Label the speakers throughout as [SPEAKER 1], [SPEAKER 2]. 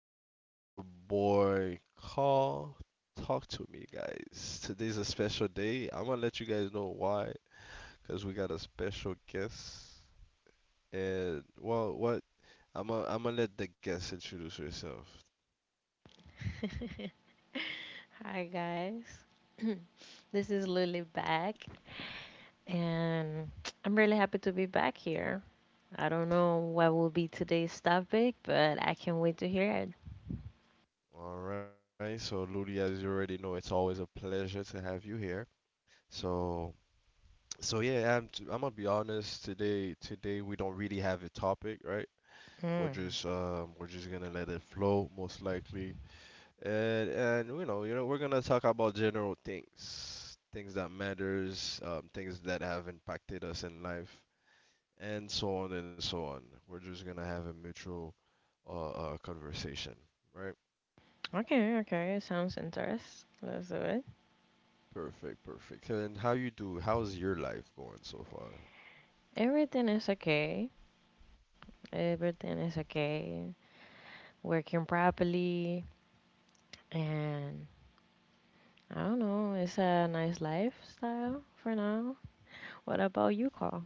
[SPEAKER 1] this is your boy Carl. Talk to me, guys. Today's a special day. I'm gonna let you guys know why, because we got a special guest. And, well, what? I'm gonna let the guest introduce herself.
[SPEAKER 2] This is Lily back, and I'm really happy to be back here. I don't know what will be today's topic, but I can't wait to hear it.
[SPEAKER 1] Alright, so Ludi, as you already know, it's always a pleasure to have you here. So, so yeah, I'm gonna be honest, today we don't really have a topic, right?
[SPEAKER 2] Mm.
[SPEAKER 1] We're just gonna let it flow most likely. And we're gonna talk about general things, things that matters, things that have impacted us in life, and so on and so on. We're just gonna have a mutual conversation, right?
[SPEAKER 2] Okay, okay, it sounds interesting. Let's do it.
[SPEAKER 1] Perfect, perfect. And how you do? How's your life going so far?
[SPEAKER 2] Everything is okay. Everything is okay. Working properly, and I don't know. It's a nice lifestyle for now. What about you, Carl?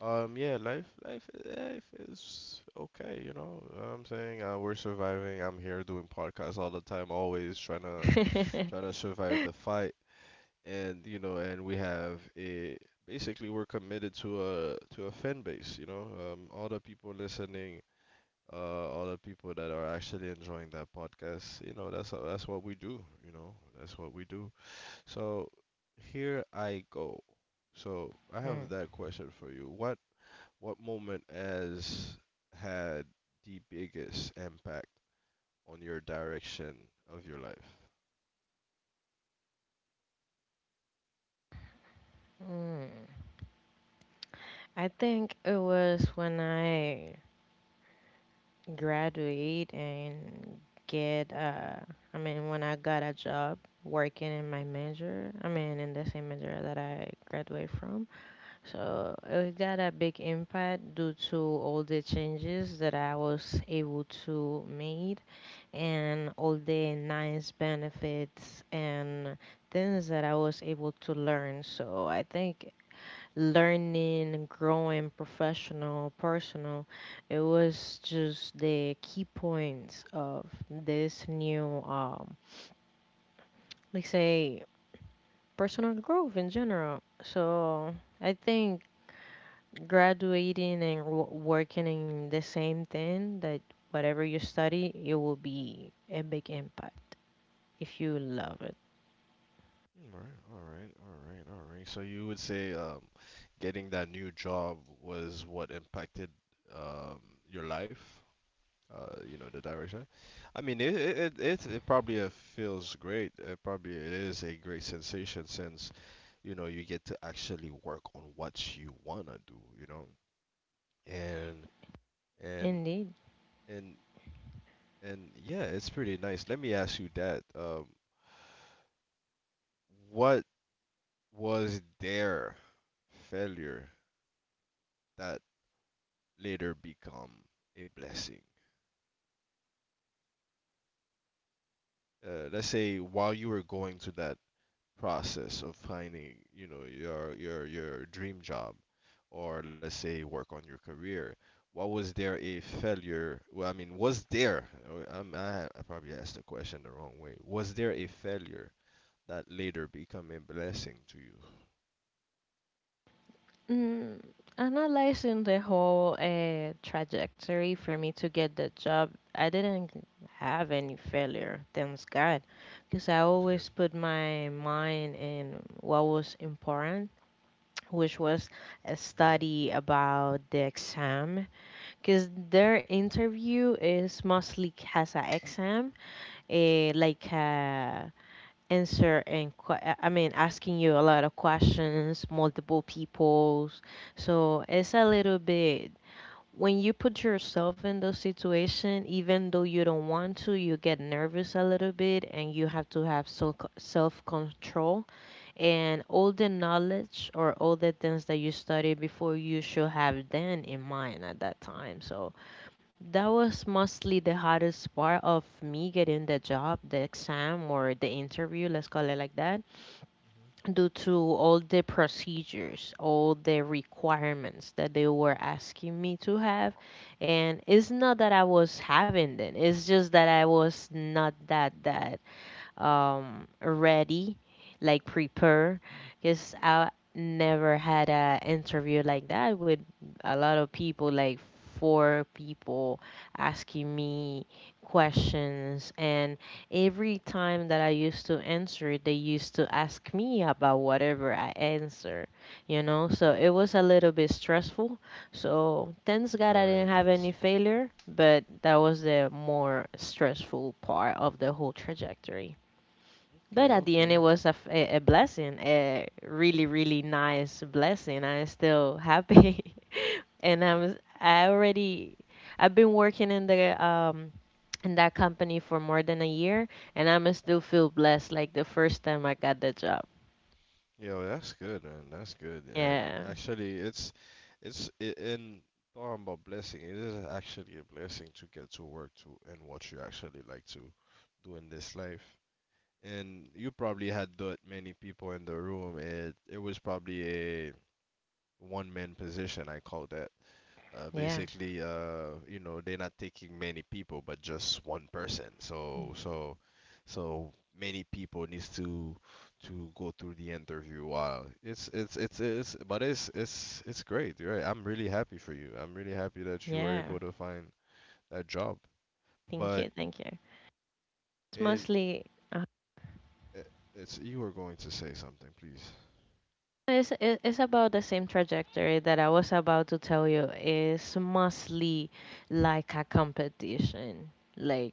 [SPEAKER 1] Yeah, life is okay. You know, I'm saying, we're surviving. I'm here doing podcasts all the time, always trying to trying
[SPEAKER 2] Mm.
[SPEAKER 1] to survive the fight. And you know, and we have a, basically we're committed to a fan base. You know, all the people listening, uh, all the people that are actually enjoying that podcast. You know, that's what we do. You know, that's what we do. So here I go. So I have that question for you. What moment has had the biggest impact on your direction of your life?
[SPEAKER 2] I think it was when I graduate and get I mean when I got a job working in my major, I mean in the same major that I graduate from. So it got a big impact due to all the changes that I was able to made and all the nice benefits and things that I was able to learn. So I think learning, growing, professional, personal. It was just the key points of this new, let's say, personal growth in general. So I think graduating and working in the same thing that whatever you study, it will be a big impact if you love it.
[SPEAKER 1] All right, all right, all right, all right. So you would say, getting that new job was what impacted, um, your life, you know, the direction. I mean, it probably, feels great. It probably it is a great sensation since, you know, you get to actually work on what you wanna do, you know. And and
[SPEAKER 2] Indeed.
[SPEAKER 1] and and yeah, it's pretty nice. Let me ask you that. What was their failure that later become a blessing? Let's say while you were going through that process of finding, you know, your dream job, or let's say work on your career, what was there a failure? Well, I mean, was there? I probably asked the question the wrong way. Was there a failure that later became a blessing to you?
[SPEAKER 2] Mm, analyzing the whole trajectory for me to get the job, I didn't have any failure, thanks God, because I
[SPEAKER 1] That's good.
[SPEAKER 2] always put my mind in what was important, which
[SPEAKER 1] Hmm,
[SPEAKER 2] was a study about the exam, because their interview is mostly as an exam, like a I mean asking you a lot of questions, multiple peoples. So it's a little bit when you put yourself in those situation, even though you don't want to, you get nervous a little bit and you have to have self control, and all the knowledge or all the things that you studied before you should have then in mind at that time. So that was mostly the hardest part of me getting the job, the exam, or the interview, let's call it like that, due to all the procedures, all the requirements that they were asking me to have. And it's not that I was having them, it's just that I was not that ready, like prepare, because I never had a interview like that with a lot of people, like four people asking me questions, and every time that I used to answer it, they used to ask me about whatever I answer,
[SPEAKER 1] hmm,
[SPEAKER 2] so
[SPEAKER 1] hmm.
[SPEAKER 2] it was a little bit stressful. So thanks God I
[SPEAKER 1] Very
[SPEAKER 2] didn't have any
[SPEAKER 1] intense.
[SPEAKER 2] failure, but that was the more stressful part of the whole trajectory. But
[SPEAKER 1] Okay.
[SPEAKER 2] at the end,
[SPEAKER 1] Okay.
[SPEAKER 2] it was a, a blessing, a really, really nice blessing. I'm still happy. And
[SPEAKER 1] Hmm.
[SPEAKER 2] I already I've been working in the in that company for more than a year, and I'm still feel blessed like the first time I got the job.
[SPEAKER 1] Yo, that's good, man. That's good. And
[SPEAKER 2] Yeah,
[SPEAKER 1] actually, it's I- in talking about blessing, it is actually a blessing to get to work to and what you actually like to do in this life. And you probably had that many people in the room. It was probably a one man position. I call that.
[SPEAKER 2] yeah,
[SPEAKER 1] Basically, you know, they're not taking many people, but just one person. So many people needs to go through the interview. Wow, but it's great, right? I'm really happy for you. I'm really happy that you were
[SPEAKER 2] yeah.
[SPEAKER 1] able to find that job.
[SPEAKER 2] Thank
[SPEAKER 1] But
[SPEAKER 2] you, thank you. It's
[SPEAKER 1] in
[SPEAKER 2] mostly uh,
[SPEAKER 1] i- it's you were going to say something, please.
[SPEAKER 2] it's about the same trajectory that I was about to tell you. It's mostly like a competition, like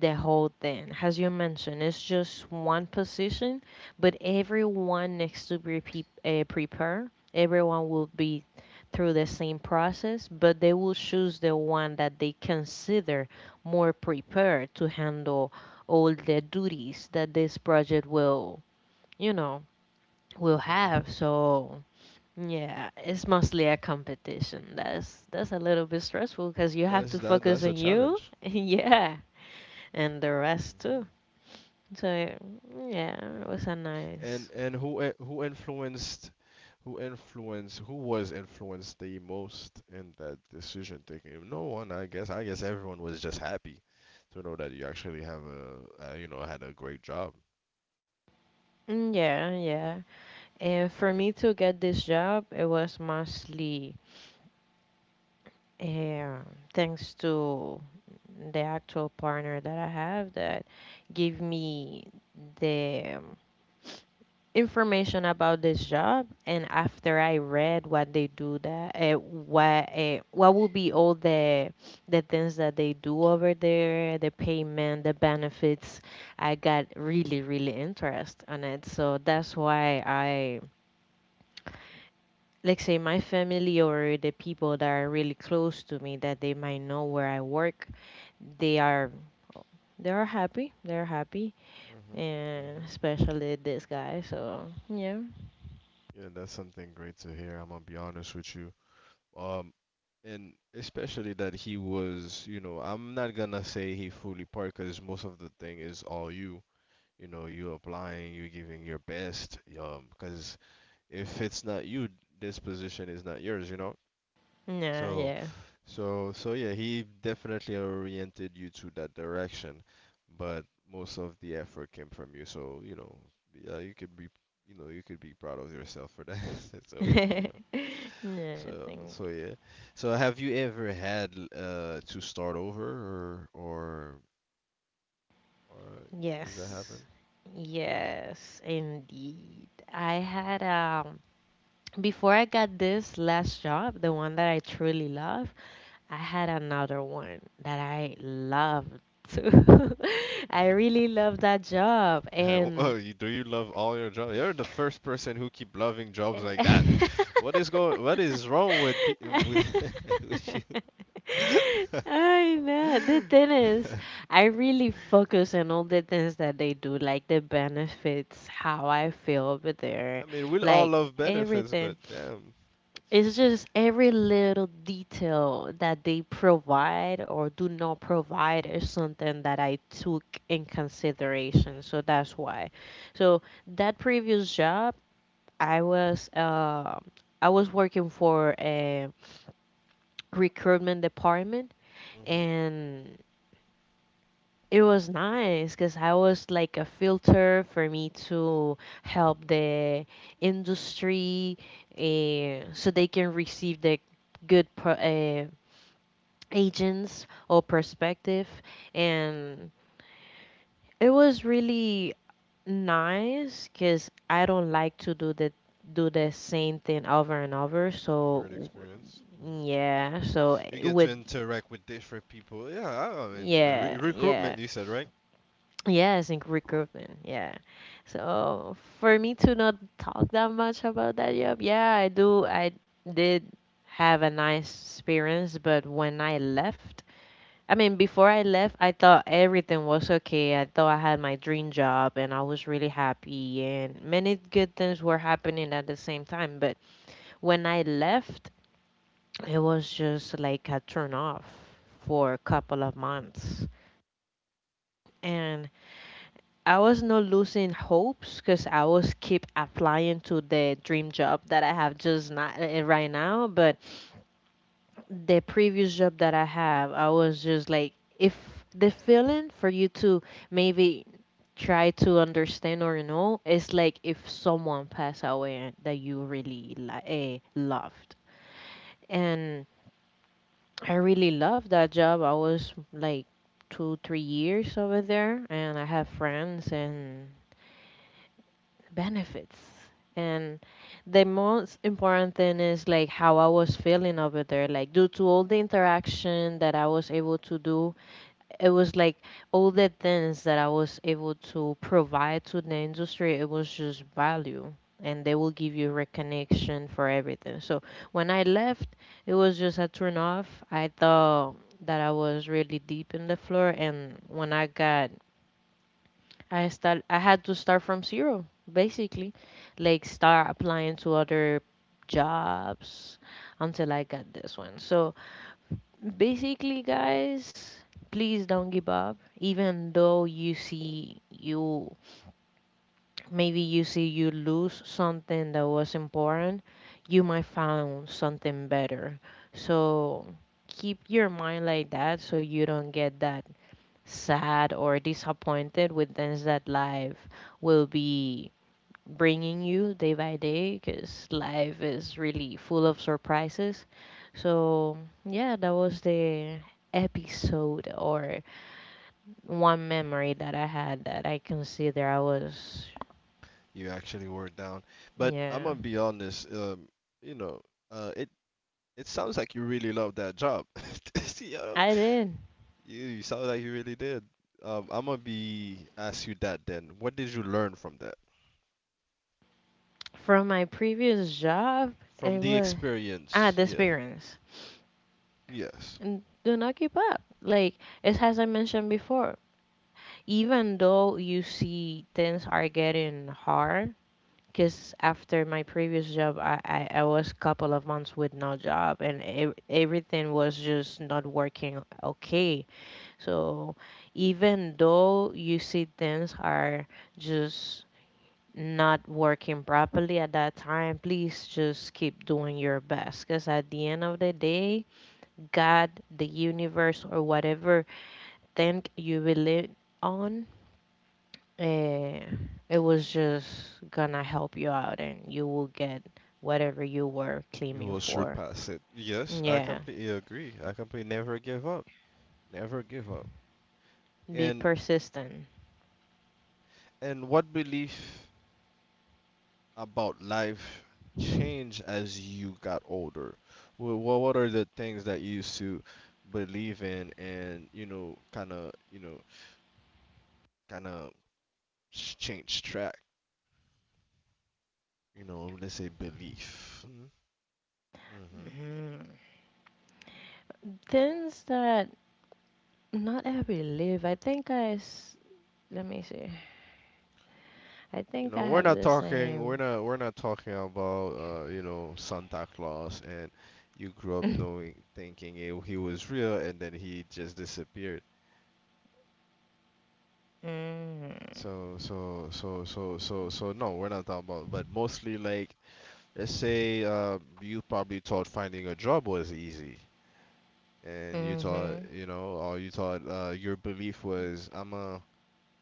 [SPEAKER 2] the whole thing. As you mentioned, it's just one position, but everyone needs to be prepared. Everyone will be through the same process, but they will choose the one that they consider more prepared to handle all the duties that this project you know, will
[SPEAKER 1] Hmm,
[SPEAKER 2] have.
[SPEAKER 1] hmm.
[SPEAKER 2] So yeah, it's mostly a competition. That's a little bit stressful because you have
[SPEAKER 1] That's
[SPEAKER 2] to
[SPEAKER 1] that that's
[SPEAKER 2] focus
[SPEAKER 1] a
[SPEAKER 2] on you,
[SPEAKER 1] challenge.
[SPEAKER 2] yeah, and the
[SPEAKER 1] Hmm,
[SPEAKER 2] rest too. So
[SPEAKER 1] hmm.
[SPEAKER 2] yeah, it was a
[SPEAKER 1] And
[SPEAKER 2] nice.
[SPEAKER 1] who influenced who influenced who was influenced the most in that decision taking? No one, I guess. I guess everyone was just happy to know that you actually have a, you know, had a great job.
[SPEAKER 2] Mm, yeah, yeah. And for me to get this job, it was mostly uh, thanks to the actual partner that I have that gave me the information about this job, and after I read what they do that what would be all the things that they do over there, the payment, the benefits, I got really really interest on it. So that's why I like say my family or the people that are really close to me that they might know where I work, they are they are happy, they're happy,
[SPEAKER 1] Mhm.
[SPEAKER 2] and
[SPEAKER 1] Mhm.
[SPEAKER 2] especially this guy. So yeah.
[SPEAKER 1] Yeah, that's something great to hear. I'm gonna be honest with you. Um, and especially that he was, you know, I'm not gonna say he fully part because most of the thing is all you, you know, you're applying, you're giving your best, because if it's not you, this position is not yours, you know.
[SPEAKER 2] Yeah,
[SPEAKER 1] so
[SPEAKER 2] yeah.
[SPEAKER 1] so so yeah, he definitely oriented you to that direction, but most of the effort came from you, so you know. Yeah, you could be, you know, you could be proud of yourself for that. So you know, so
[SPEAKER 2] Nothing.
[SPEAKER 1] so yeah. So have you ever had, to start over, or is that
[SPEAKER 2] Yes.
[SPEAKER 1] happened?
[SPEAKER 2] Yes, indeed. I had before I got this last job, the one that I truly love, I had another one that I loved too. I really love that job,
[SPEAKER 1] Yeah, oh,
[SPEAKER 2] and
[SPEAKER 1] you, do you love all your jobs? You're the first person who keep loving jobs
[SPEAKER 2] Eh,
[SPEAKER 1] like that. What is going? What is wrong with with with you?
[SPEAKER 2] I know the thing is, I really focus on all the things that they do, like the benefits, how I feel over there,
[SPEAKER 1] I mean, we all
[SPEAKER 2] like
[SPEAKER 1] love benefits,
[SPEAKER 2] everything.
[SPEAKER 1] but damn.
[SPEAKER 2] It's just every little detail that they provide or do not provide is something that I took in consideration. So that's why. So that previous job, I was uh, I was working for a recruitment department,
[SPEAKER 1] Hmm.
[SPEAKER 2] and it was nice because I was like a filter for me to help the industry, so they can receive the good pro- uh, agents or perspective, and it was really nice because I don't like to do the same thing over and over. So
[SPEAKER 1] Great experience.
[SPEAKER 2] yeah, so
[SPEAKER 1] You
[SPEAKER 2] eh,
[SPEAKER 1] get
[SPEAKER 2] with
[SPEAKER 1] to interact with different people. Yeah, I mean,
[SPEAKER 2] yeah, yeah.
[SPEAKER 1] recruitment, you said, right?
[SPEAKER 2] Yes, in recruitment. Yeah. So for me to not talk that much about that job, yeah, I did have a nice experience, but when I left, I mean before I left, I thought everything was okay. I thought I had my dream job and I was really happy and many good things were happening at the same time, but when I left it was just like a turn off for a couple of months. And I was not losing hopes because I was keep applying to the dream job that I have just not right now, but the previous job that I have, I was just like, if the feeling for you to maybe try to understand or know is like if someone passed away that you really loved. And I really love that job. I was like 2, 3 years over there, and I have friends and benefits. And the most important thing is like how I was feeling over there. Like, due to all the interaction that I was able to do, it was like all the things that I was able to provide to the industry, it was just value. And they will give you recognition for everything. So when I left, it was just a turn off. I thought that I was really deep in the floor, and when I got, I had to start from zero, basically, like start applying to other jobs until I got this one. So basically, guys, please don't give up. Even though you see you, maybe you see you lose something that was important, you might find something better. So keep your mind like that so you don't get that sad or disappointed with things that life will be bringing you day by day, because life is really full of surprises. So, yeah, that was the episode or one memory that I had that I
[SPEAKER 1] Hmm.
[SPEAKER 2] consider I was,
[SPEAKER 1] You actually wore it down. But I'm
[SPEAKER 2] yeah,
[SPEAKER 1] gonna be honest. You know, uh, it it sounds like you really love that job.
[SPEAKER 2] I did.
[SPEAKER 1] You sound like you really did. I'm gonna be ask you that then. What did you learn from that?
[SPEAKER 2] From my previous job,
[SPEAKER 1] From
[SPEAKER 2] it
[SPEAKER 1] the
[SPEAKER 2] was,
[SPEAKER 1] experience,
[SPEAKER 2] the
[SPEAKER 1] yeah,
[SPEAKER 2] experience.
[SPEAKER 1] yes,
[SPEAKER 2] Do not keep up. Like, it's as I mentioned before, even though you see things are getting hard, because after my previous job, I was couple of months with no job, and everything was just not working okay. So even though you see things are just not working properly at that time, please just keep doing your best, because at the end of the day, God, the universe, or whatever thing you believe on, Eh, it was just gonna help you out and you will get whatever you were
[SPEAKER 1] you
[SPEAKER 2] claiming
[SPEAKER 1] will
[SPEAKER 2] for.
[SPEAKER 1] surpass it. Yes, I
[SPEAKER 2] Yeah,
[SPEAKER 1] completely agree. I completely never give up. Never give up.
[SPEAKER 2] be
[SPEAKER 1] And
[SPEAKER 2] persistent.
[SPEAKER 1] and what belief about life changed as you got older? Well, what are the things that you used to believe in and, you know, kind of, you know, kind of change track? You know, let's say belief. Mm-hmm.
[SPEAKER 2] Mhm. Things that not every live. I think I let me see. I
[SPEAKER 1] You
[SPEAKER 2] think
[SPEAKER 1] know,
[SPEAKER 2] I have the same.
[SPEAKER 1] we're not talking about, you know, Santa Claus and you grew up
[SPEAKER 2] Mm,
[SPEAKER 1] knowing, thinking it, he was real and then he just disappeared. So, no, we're not talking about, but mostly like, let's say, you probably thought finding a job was easy and you thought,
[SPEAKER 2] mhm.
[SPEAKER 1] you know, or you thought, your belief was, I'm a,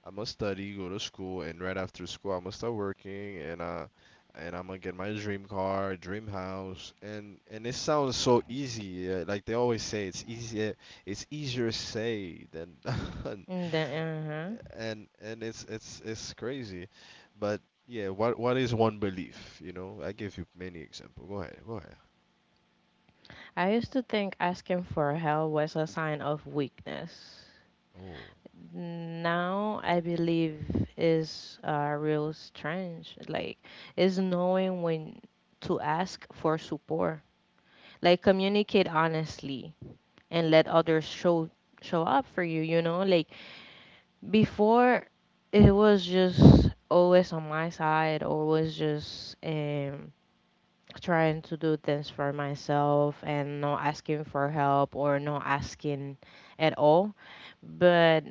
[SPEAKER 1] I am gonna study, go to school, and right after school, I am gonna start working, and I'm gonna get my dream car, dream house, and it sounds so easy. Like they always say, it's easier say than done,
[SPEAKER 2] Mm, the, uh-huh.
[SPEAKER 1] and it's crazy, but yeah, what is one belief? You know, I give you many example. Go ahead, go ahead.
[SPEAKER 2] I used to think asking for help was a sign of weakness.
[SPEAKER 1] Oh,
[SPEAKER 2] Now I believe is real strange. Like, is knowing when to ask for support. Like, communicate honestly and let others show up for you. You know, like before, it was just always on my side, always just trying to do things for myself and not asking for help or not asking at all, but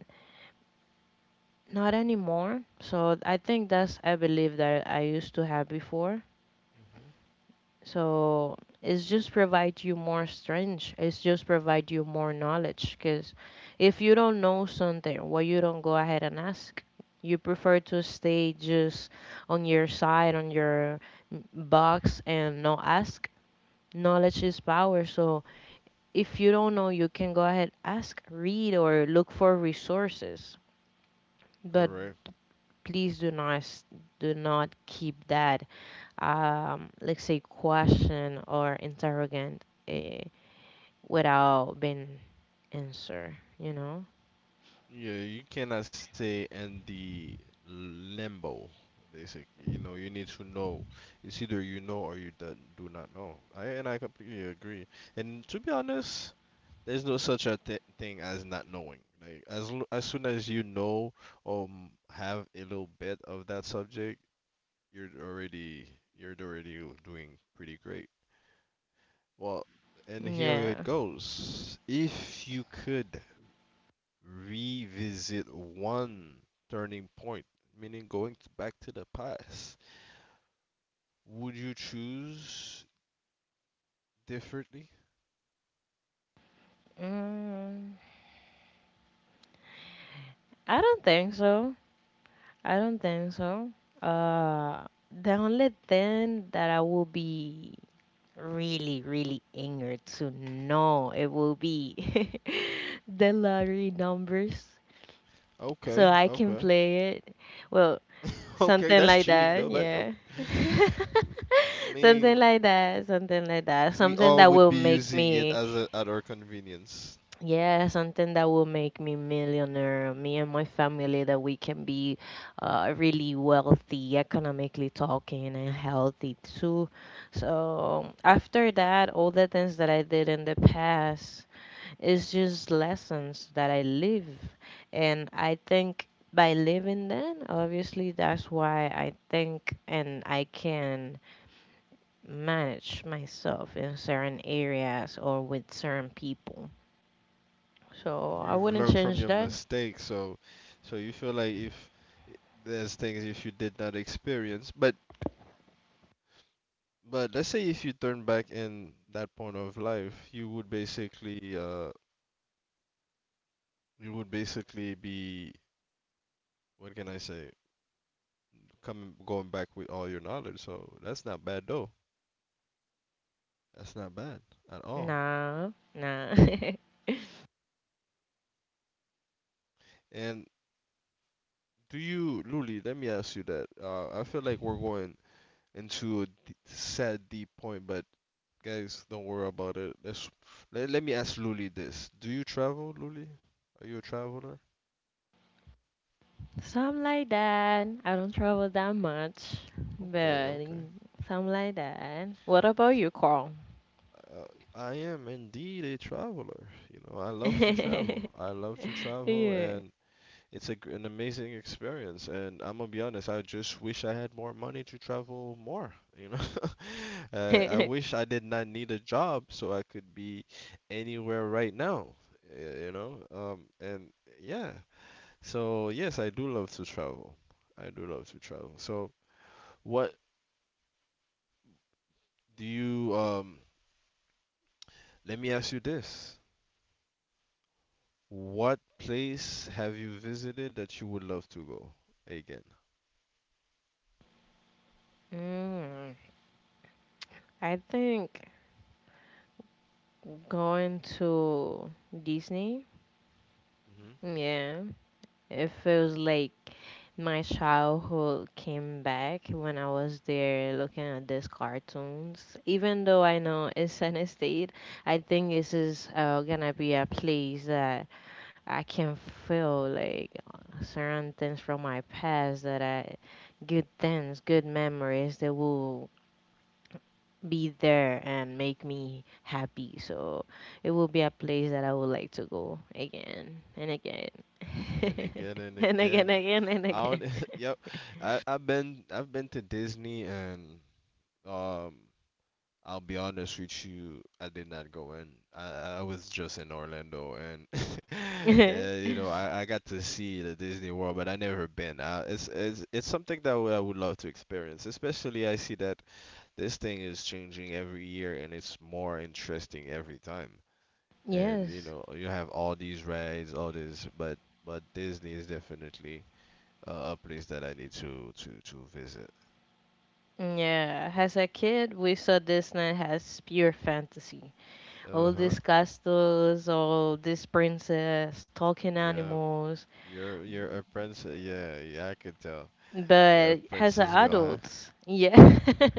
[SPEAKER 2] not anymore. So I think that's a belief that I used to have before.
[SPEAKER 1] hmm,
[SPEAKER 2] So it's just provide you more strength. It's just provide you more knowledge. Because if you don't know something, well, you don't go ahead and ask. You prefer to stay just on your side, on your box, and not ask. Knowledge is power. So if you don't know, you can go ahead ask, read, or look for resources. But
[SPEAKER 1] correct.
[SPEAKER 2] please do not keep that let's say question or interrogant without being answered, you know?
[SPEAKER 1] Yeah, you cannot say in the limbo, basically. You know, you need to know. It's either you know or you do not know. I and I completely agree. And to be honest, there's no such a th thing as not knowing. Like, as l as soon as you know, have a little bit of that subject, you're already you're already doing pretty great. Well, and here it
[SPEAKER 2] Yeah.
[SPEAKER 1] goes. If you could revisit one turning point, meaning going to back to the past, would you choose differently?
[SPEAKER 2] mm, I don't think so. i don't think so uh the only thing that I will be really really angered to know it will be, the lottery numbers, so
[SPEAKER 1] Okay,
[SPEAKER 2] I can
[SPEAKER 1] okay.
[SPEAKER 2] play it, well.
[SPEAKER 1] Okay,
[SPEAKER 2] Something
[SPEAKER 1] that's
[SPEAKER 2] like
[SPEAKER 1] cheating
[SPEAKER 2] that,
[SPEAKER 1] though, but
[SPEAKER 2] yeah.
[SPEAKER 1] okay. I
[SPEAKER 2] Something
[SPEAKER 1] mean,
[SPEAKER 2] like that, something like that.
[SPEAKER 1] we
[SPEAKER 2] Something
[SPEAKER 1] all
[SPEAKER 2] that
[SPEAKER 1] would
[SPEAKER 2] will
[SPEAKER 1] be
[SPEAKER 2] make
[SPEAKER 1] using it
[SPEAKER 2] me,
[SPEAKER 1] as a, at our convenience.
[SPEAKER 2] yeah, something that will make me millionaire. Me and my family, that we can be really wealthy, economically talking, and healthy too. So after that, all the things that I did in the past, it's just lessons that I live. And I think by living them, obviously, that's why I think and I can manage myself in certain areas or with certain people. So
[SPEAKER 1] Mhm.
[SPEAKER 2] I
[SPEAKER 1] You've
[SPEAKER 2] wouldn't
[SPEAKER 1] learned from
[SPEAKER 2] change
[SPEAKER 1] your
[SPEAKER 2] that.
[SPEAKER 1] mistakes, so so you feel like if there's things if you did not experience, but let's say if you turn back in that point of life, you would basically, you would basically be, what can I say, coming going back with all your knowledge. So that's not bad though. That's not bad at all.
[SPEAKER 2] Nah, nah.
[SPEAKER 1] And do you, Luli? Let me ask you that. I feel like we're going into a sad deep point, but guys, don't worry about it. Let's let, let me ask Luli this. Do you travel, Luli? Are you a traveler?
[SPEAKER 2] Something like that. I don't travel that much,
[SPEAKER 1] Okay,
[SPEAKER 2] but
[SPEAKER 1] okay.
[SPEAKER 2] something like that. What about you, Carl?
[SPEAKER 1] Uh, I am indeed a traveler. You know, I love to travel. I love to travel,
[SPEAKER 2] Yeah.
[SPEAKER 1] and it's a, an amazing experience, and I'm gonna be honest. I just wish I had more money to travel more. You know, I wish I did not need a job so I could be anywhere right now. You know, and yeah. So yes, I do love to travel. I do love to travel. So what do you? Let me ask you this. What place have you visited that you would love to go again?
[SPEAKER 2] Mm, I think going to Disney, yeah, it feels like my childhood came back when I was there looking at these cartoons. Even though I know it's an estate, I think this is gonna be a place that I can feel like certain things from my past that I, good things, good memories that will be there and make me happy. So it will be a place that I would like to go again and again
[SPEAKER 1] And again and
[SPEAKER 2] and again,
[SPEAKER 1] again.
[SPEAKER 2] again,
[SPEAKER 1] I
[SPEAKER 2] and
[SPEAKER 1] don't, yep. I, I've been to Disney and um I'll be honest with you, I did not go in. I was just in Orlando and
[SPEAKER 2] again.
[SPEAKER 1] you know, I got to see the Disney World, but I never been. It's something that I would love to experience. Especially I see that this thing is changing every year and it's more interesting every time. And you
[SPEAKER 2] Yes.
[SPEAKER 1] know you have all these rides, all this, but Disney is definitely a place that I need to visit.
[SPEAKER 2] Yeah, as a kid, we saw Disney as pure fantasy. All
[SPEAKER 1] Uh-huh.
[SPEAKER 2] these castles, all these princess, talking
[SPEAKER 1] Yeah,
[SPEAKER 2] animals.
[SPEAKER 1] you're a princess. Yeah, yeah, I could tell. You're a
[SPEAKER 2] But as an
[SPEAKER 1] princess girl, huh?
[SPEAKER 2] adult, yeah,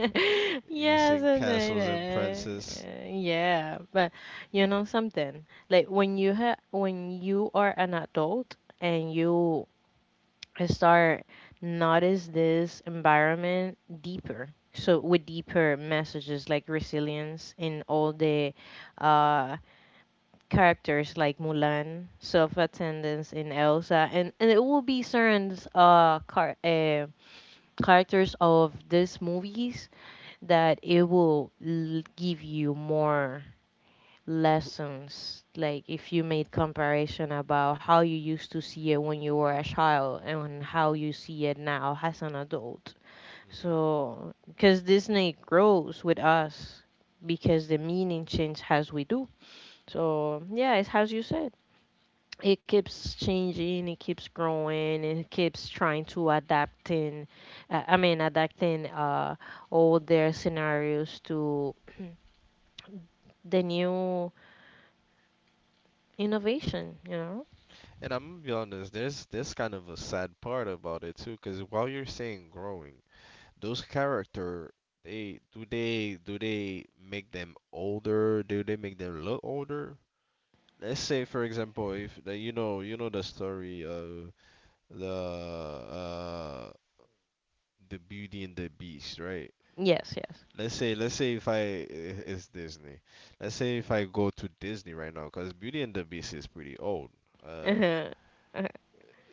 [SPEAKER 1] You
[SPEAKER 2] yeah,
[SPEAKER 1] seen
[SPEAKER 2] something like
[SPEAKER 1] castles and princess.
[SPEAKER 2] that. Yeah, but you know something like when you are an adult and you start notice this environment deeper. So with deeper messages like resilience in all the uh, characters like Mulan, self-attendance in Elsa, and it will be certain characters of these movies that it will give you more lessons like if you made comparison about how you used to see it when you were a child and how you see it now as an adult.
[SPEAKER 1] Mm-hmm.
[SPEAKER 2] So because Disney grows with us, because the meaning change as we do. So yeah, it's as you said, it keeps changing, it keeps growing, and it keeps trying to adapting, I mean adapting all their scenarios to the new innovation, you know.
[SPEAKER 1] And I'm gonna be honest, there's kind of a sad part about it too, because while you're saying growing, those character, they do they make them older? Do they make them look older? Let's say for example, if the, you know, you know the story of the uh the Beauty and the Beast, right?
[SPEAKER 2] Yes,
[SPEAKER 1] Let's say if it's Disney. Let's say if I go to Disney right now, because Beauty and the Beast is pretty old. Uh,
[SPEAKER 2] yes.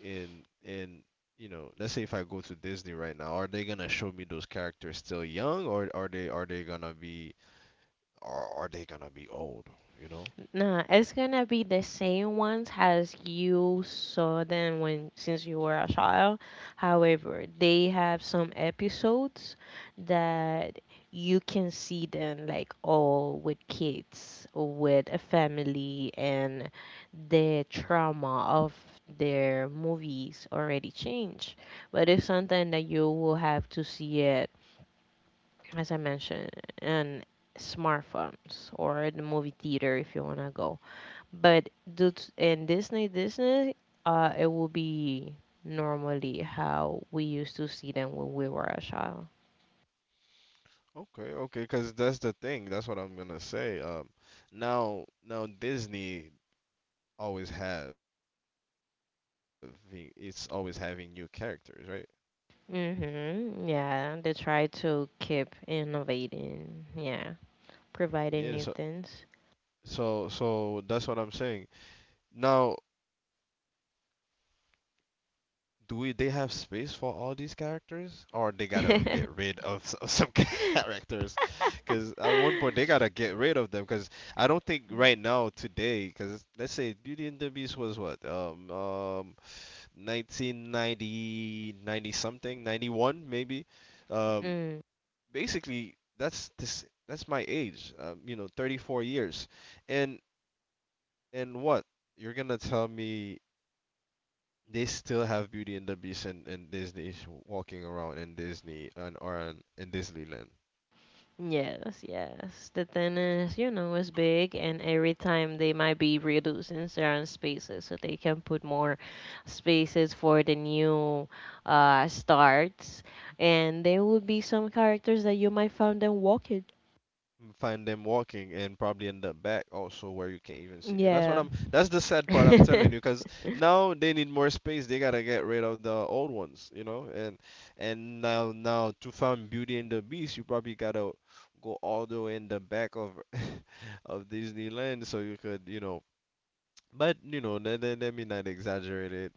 [SPEAKER 1] in you know, let's say if I go to Disney right now, are they gonna show me those characters still young, or are they gonna be are they gonna be old? You know?
[SPEAKER 2] No, it's gonna be the same ones as you saw them when since you were a child. However, they have some episodes that you can see them like all with kids, with a family, and the trauma of their movies already changed. But it's something that you will have to see it, as I mentioned, in smartphones or in the movie theater if you wanna go. But in Disney, it will be normally how we used to see them when we were a child.
[SPEAKER 1] Okay, okay, because that's the thing. That's what I'm gonna say. Now Disney always having it's always having new characters, right?
[SPEAKER 2] Mm-hmm. Yeah, they try to keep innovating. Yeah, providing
[SPEAKER 1] Yeah,
[SPEAKER 2] new
[SPEAKER 1] so
[SPEAKER 2] things.
[SPEAKER 1] that's what I'm saying. Now, do we they have space for all these characters, or they gotta get rid of some characters? Because at one point they gotta get rid of them. Because I don't think right now today, because let's say Beauty and the Beast was what, 1990, 90 something, 91 maybe. Um,
[SPEAKER 2] Mm.
[SPEAKER 1] basically that's my age, you know, 34 years. and and what you're gonna tell me they still have Beauty and the Beast, and Disney walking around in Disney? And or in, in Disneyland?
[SPEAKER 2] Yes, yes. The tennis, you know, is big, and every time they might be reducing certain spaces so they can put more spaces for the new starts. And there will be some characters that you might find them walking.
[SPEAKER 1] Mm, find them walking and probably end up back also where you can't even see. And that's what
[SPEAKER 2] Yeah.
[SPEAKER 1] I'm that's the sad part, I'm telling you. Because now they need more space, they gotta get rid of the old ones, you know. And now to find Beauty and the Beast, you probably gotta go all the way in the back of Disneyland, so you could, you know, but you know, let me not exaggerate it.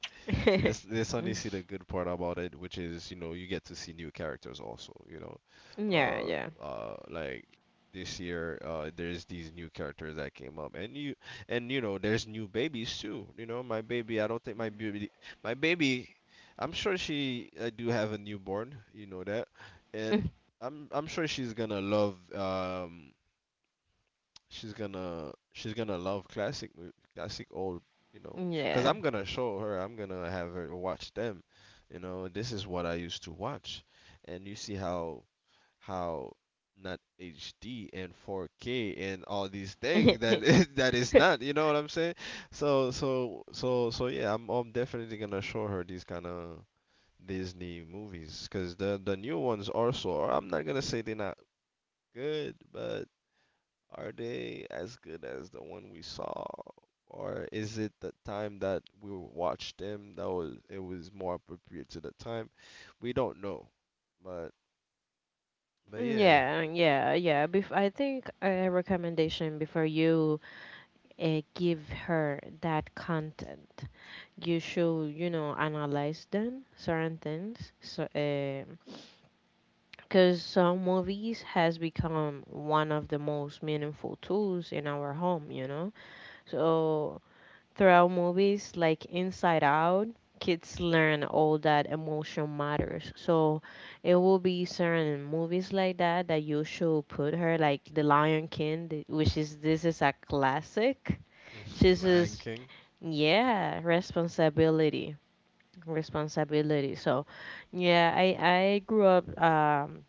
[SPEAKER 1] Let's
[SPEAKER 2] Mm.
[SPEAKER 1] only see the good part about it, which is, you know, you get to see new characters also, you know.
[SPEAKER 2] Yeah,
[SPEAKER 1] Uh,
[SPEAKER 2] yeah.
[SPEAKER 1] like this year, there's these new characters that came up. And you know, there's new babies too. You know, my baby, I don't think my baby, my baby, I'm sure she, I do have a newborn, you know that. And
[SPEAKER 2] Mm.
[SPEAKER 1] I'm sure she's gonna love, she's gonna love classic classic old, you know, because
[SPEAKER 2] Yeah.
[SPEAKER 1] I'm gonna show her, I'm gonna have her watch them. You know, this is what I used to watch. And you see how how not hd and 4K and all these things that, that is not, you know what I'm saying? So yeah, I'm definitely gonna show her these kind of Disney movies, because the new ones also are, I'm not gonna say they're not good, but are they as good as the one we saw? Or is it the time that we watched them that was, it was more appropriate to the time? We don't know. But yeah,
[SPEAKER 2] Yeah, yeah, yeah. Bef I think a recommendation before you give her that content. You should, you know, analyze them, certain things. So, because some movies has become one of the most meaningful tools in our home, you know. So throughout movies like Inside Out, kids learn all that emotion matters. So it will be certain movies like that that you should put her like The Lion King, which is this is a classic. This
[SPEAKER 1] Lion
[SPEAKER 2] is.
[SPEAKER 1] King.
[SPEAKER 2] Yeah, responsibility, responsibility. So, yeah, I grew up.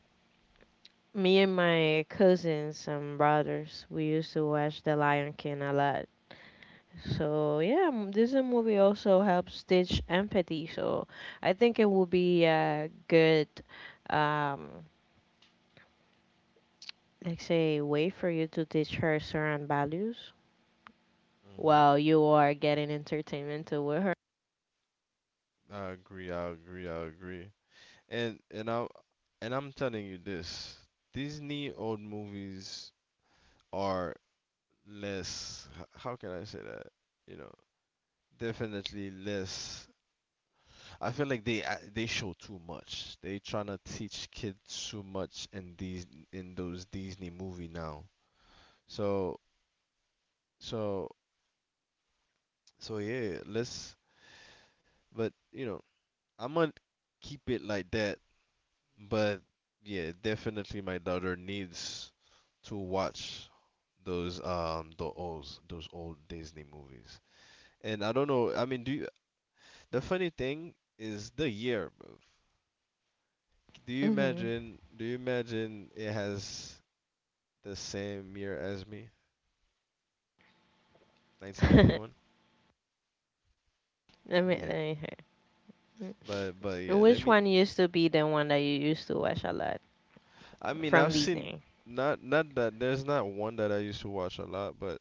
[SPEAKER 2] Me and my cousins and brothers, we used to watch The Lion King a lot. So yeah, this movie also helps teach empathy. So I think it would be a good, um, like say, way for you to teach her certain values while you are getting entertainment to with her.
[SPEAKER 1] I agree, I agree, I agree. And I and I'm telling you this, Disney old movies are less how can I say that? You know, definitely less, I feel like they they show too much. They trying to teach kids too much in these, in those Disney movie now. So so yeah, let's but you know, I'm gonna keep it like that. But yeah, definitely my daughter needs to watch those the old those old Disney movies. And I don't know, I mean, do you, the funny thing is the year, bro. Do you
[SPEAKER 2] Mhm.
[SPEAKER 1] imagine it has the same year as me, 1991.
[SPEAKER 2] Let me. let
[SPEAKER 1] Yeah,
[SPEAKER 2] me
[SPEAKER 1] but
[SPEAKER 2] Mm.
[SPEAKER 1] yeah, let
[SPEAKER 2] Which
[SPEAKER 1] me.
[SPEAKER 2] one used to be the one that you used to watch a lot
[SPEAKER 1] I mean, I've
[SPEAKER 2] from
[SPEAKER 1] seen,
[SPEAKER 2] Disney?
[SPEAKER 1] not that there's not one that I used to watch a lot, but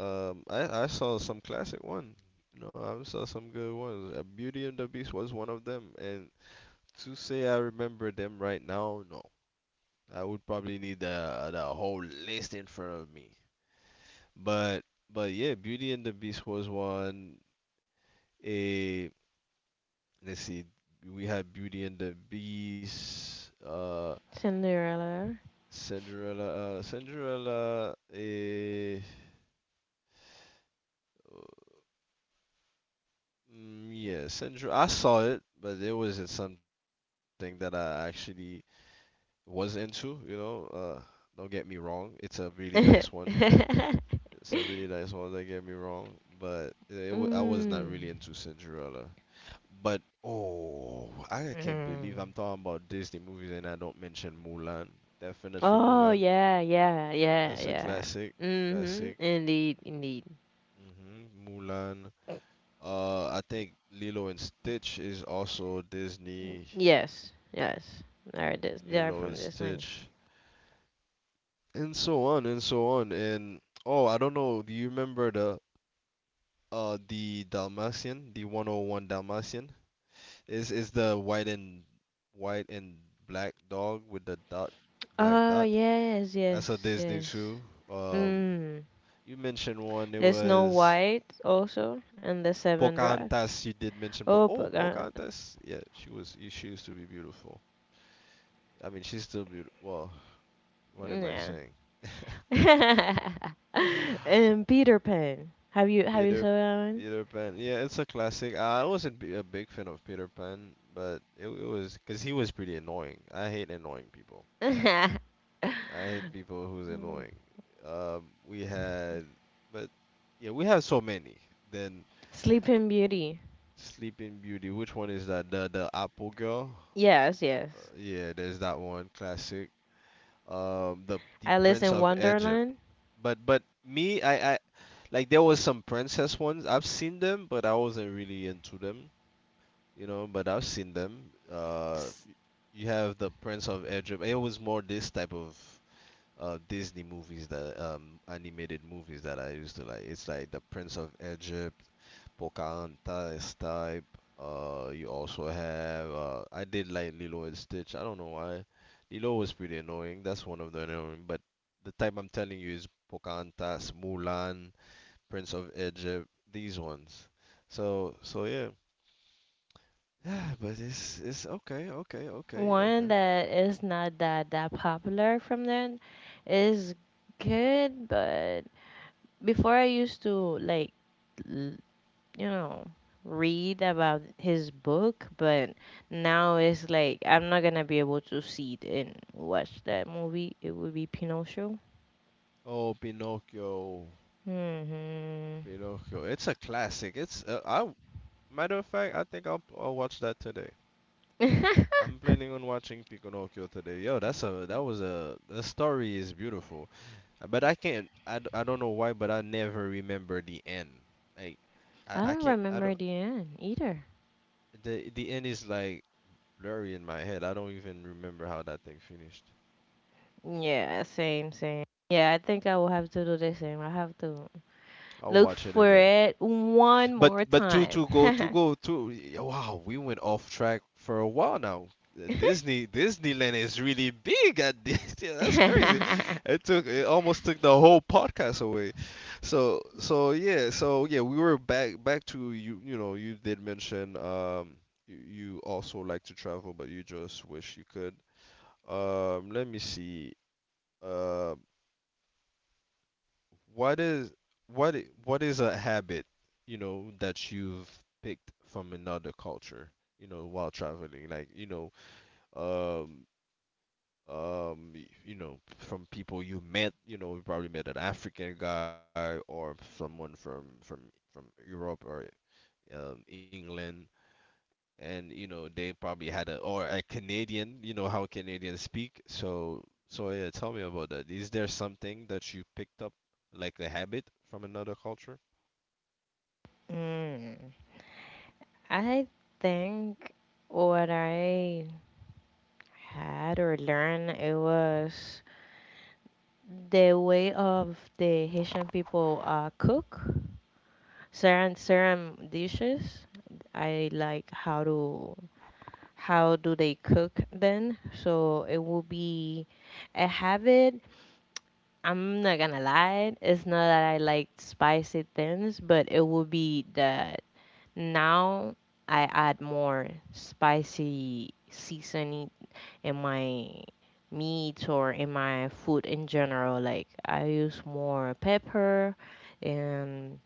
[SPEAKER 1] I saw some classic one. You know, I saw some good ones. Beauty and the Beast was one of them, and to say I remember them right now, no, I would probably need the whole list in front of me. But yeah, Beauty and the Beast was one. A Let's see. We had Beauty and the Beast,
[SPEAKER 2] Cinderella.
[SPEAKER 1] Cinderella. Cinderella. Eh, mm, yeah, Cinderella. I saw it, but it wasn't something that I actually was into. You know, don't get me wrong. It's a really nice one.
[SPEAKER 2] Mm.
[SPEAKER 1] It's a really nice one. Don't get me wrong, but it I was not
[SPEAKER 2] Mm.
[SPEAKER 1] really into Cinderella. But oh, I can't believe I'm talking about Disney movies and I don't mention Mulan. Definitely
[SPEAKER 2] Oh
[SPEAKER 1] Mulan.
[SPEAKER 2] yeah, yeah, yeah,
[SPEAKER 1] That's a
[SPEAKER 2] yeah.
[SPEAKER 1] classic,
[SPEAKER 2] Mm-hmm.
[SPEAKER 1] classic.
[SPEAKER 2] Indeed, indeed.
[SPEAKER 1] Hmm Mulan. I think Lilo and Stitch is also Disney.
[SPEAKER 2] Yes, yes. There it is. They are
[SPEAKER 1] Lilo and
[SPEAKER 2] from Disney.
[SPEAKER 1] Stitch, and so on and so on. And oh, I don't know. Do you remember the Dalmatian, the 101 Dalmatian? Is the white and white and black dog with the dot, black
[SPEAKER 2] Oh
[SPEAKER 1] dot?
[SPEAKER 2] yes,
[SPEAKER 1] That's a
[SPEAKER 2] yes,
[SPEAKER 1] Disney
[SPEAKER 2] yes.
[SPEAKER 1] too. Um,
[SPEAKER 2] Mm.
[SPEAKER 1] you mentioned one. It
[SPEAKER 2] The Snow
[SPEAKER 1] was.
[SPEAKER 2] White also and the Seven Drive.
[SPEAKER 1] Pocahontas, you did mention.
[SPEAKER 2] Oh, but God.
[SPEAKER 1] Pocahontas. Yeah, she was. She used to be beautiful. I mean, she's still beautiful. Well, what am I
[SPEAKER 2] Yeah.
[SPEAKER 1] saying?
[SPEAKER 2] And Peter Pan. Have you saw
[SPEAKER 1] Peter,
[SPEAKER 2] that
[SPEAKER 1] Peter Pan. Yeah, it's a classic. I wasn't a big fan of Peter Pan, but it was because he was pretty annoying. I hate annoying people.
[SPEAKER 2] one?
[SPEAKER 1] I hate people who's annoying. Um, we had, but yeah, we had so many. Then
[SPEAKER 2] Sleeping Beauty.
[SPEAKER 1] Sleeping Beauty. Which one is that? The Apple Girl.
[SPEAKER 2] Yes, yes.
[SPEAKER 1] Yeah, there's that one classic. The
[SPEAKER 2] Alice in
[SPEAKER 1] Prince of Egypt.
[SPEAKER 2] Wonderland.
[SPEAKER 1] But me, I like there was some princess ones. I've seen them, but I wasn't really into them, you know, but I've seen them.
[SPEAKER 2] S-
[SPEAKER 1] You have the Prince of Egypt. It was more this type of Disney movies that animated movies that I used to like. It's like the Prince of Egypt. Pocahontas type. You also have I did like Lilo and Stitch. I don't know why. Lilo was pretty annoying. That's one of the annoying. But the type I'm telling you is Pocahontas, Mulan, Prince of Egypt. These ones. So yeah. Yeah, but it's okay, okay, okay,
[SPEAKER 2] One
[SPEAKER 1] okay.
[SPEAKER 2] that is not that popular from then is good, but before I used to like l- you know read about his book, but now it's like I'm not gonna be able to see it and watch that movie. It would be Pinocchio.
[SPEAKER 1] Oh, Pinocchio,
[SPEAKER 2] Hmm.
[SPEAKER 1] Pinocchio. It's a classic. It's I matter of fact, I think I'll watch that today.
[SPEAKER 2] I
[SPEAKER 1] I'm planning on watching Pinocchio today. Yo, that's a that was a, the story is beautiful. But I don't know why, but I never remember the end. Like I I
[SPEAKER 2] don't
[SPEAKER 1] can't I don't,
[SPEAKER 2] remember the end either.
[SPEAKER 1] the end is like blurry in my head. I don't even remember how that thing finished.
[SPEAKER 2] Yeah, same, same. Yeah, I think I will have to do the same. I have to
[SPEAKER 1] I'll
[SPEAKER 2] look
[SPEAKER 1] watch it
[SPEAKER 2] for
[SPEAKER 1] again.
[SPEAKER 2] it one more
[SPEAKER 1] But
[SPEAKER 2] time.
[SPEAKER 1] to go to go to yeah, wow, we went off track for a while now. Disney Disneyland is really big at this. Yeah, that's crazy. It took it almost took the whole podcast away. So yeah, we were back to you, you know, you did mention you, you also like to travel but you just wish you could. Let me see. Um. What is what is a habit, you know, that you've picked from another culture, you know, while traveling? Like, you know, um you know, from people you met, you know, you probably met an African guy or someone from Europe or England. And you know, they probably had a or a Canadian, you know how Canadians speak. So yeah, tell me about that. Is there something that you picked up like a habit from another culture?
[SPEAKER 2] Mm. I think what I had or learned it was the way of the Haitian people cook certain dishes. I like how to how do they cook then so it will be a habit. I'm not gonna lie, it's not that I like spicy things, but it will be that now I add more spicy seasoning in my meat or in my food in general, like I use more pepper. And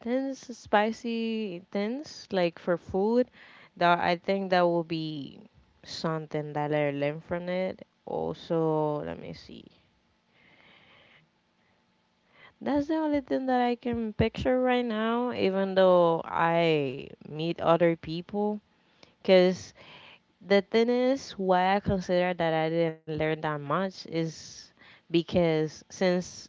[SPEAKER 2] intense, spicy, intense, like for food, that I think that will be something that I learned from it. Also, let me see. That's the only thing that I can picture right now, even though I meet other people. Because the thing is, why I consider that I didn't learn that much is because since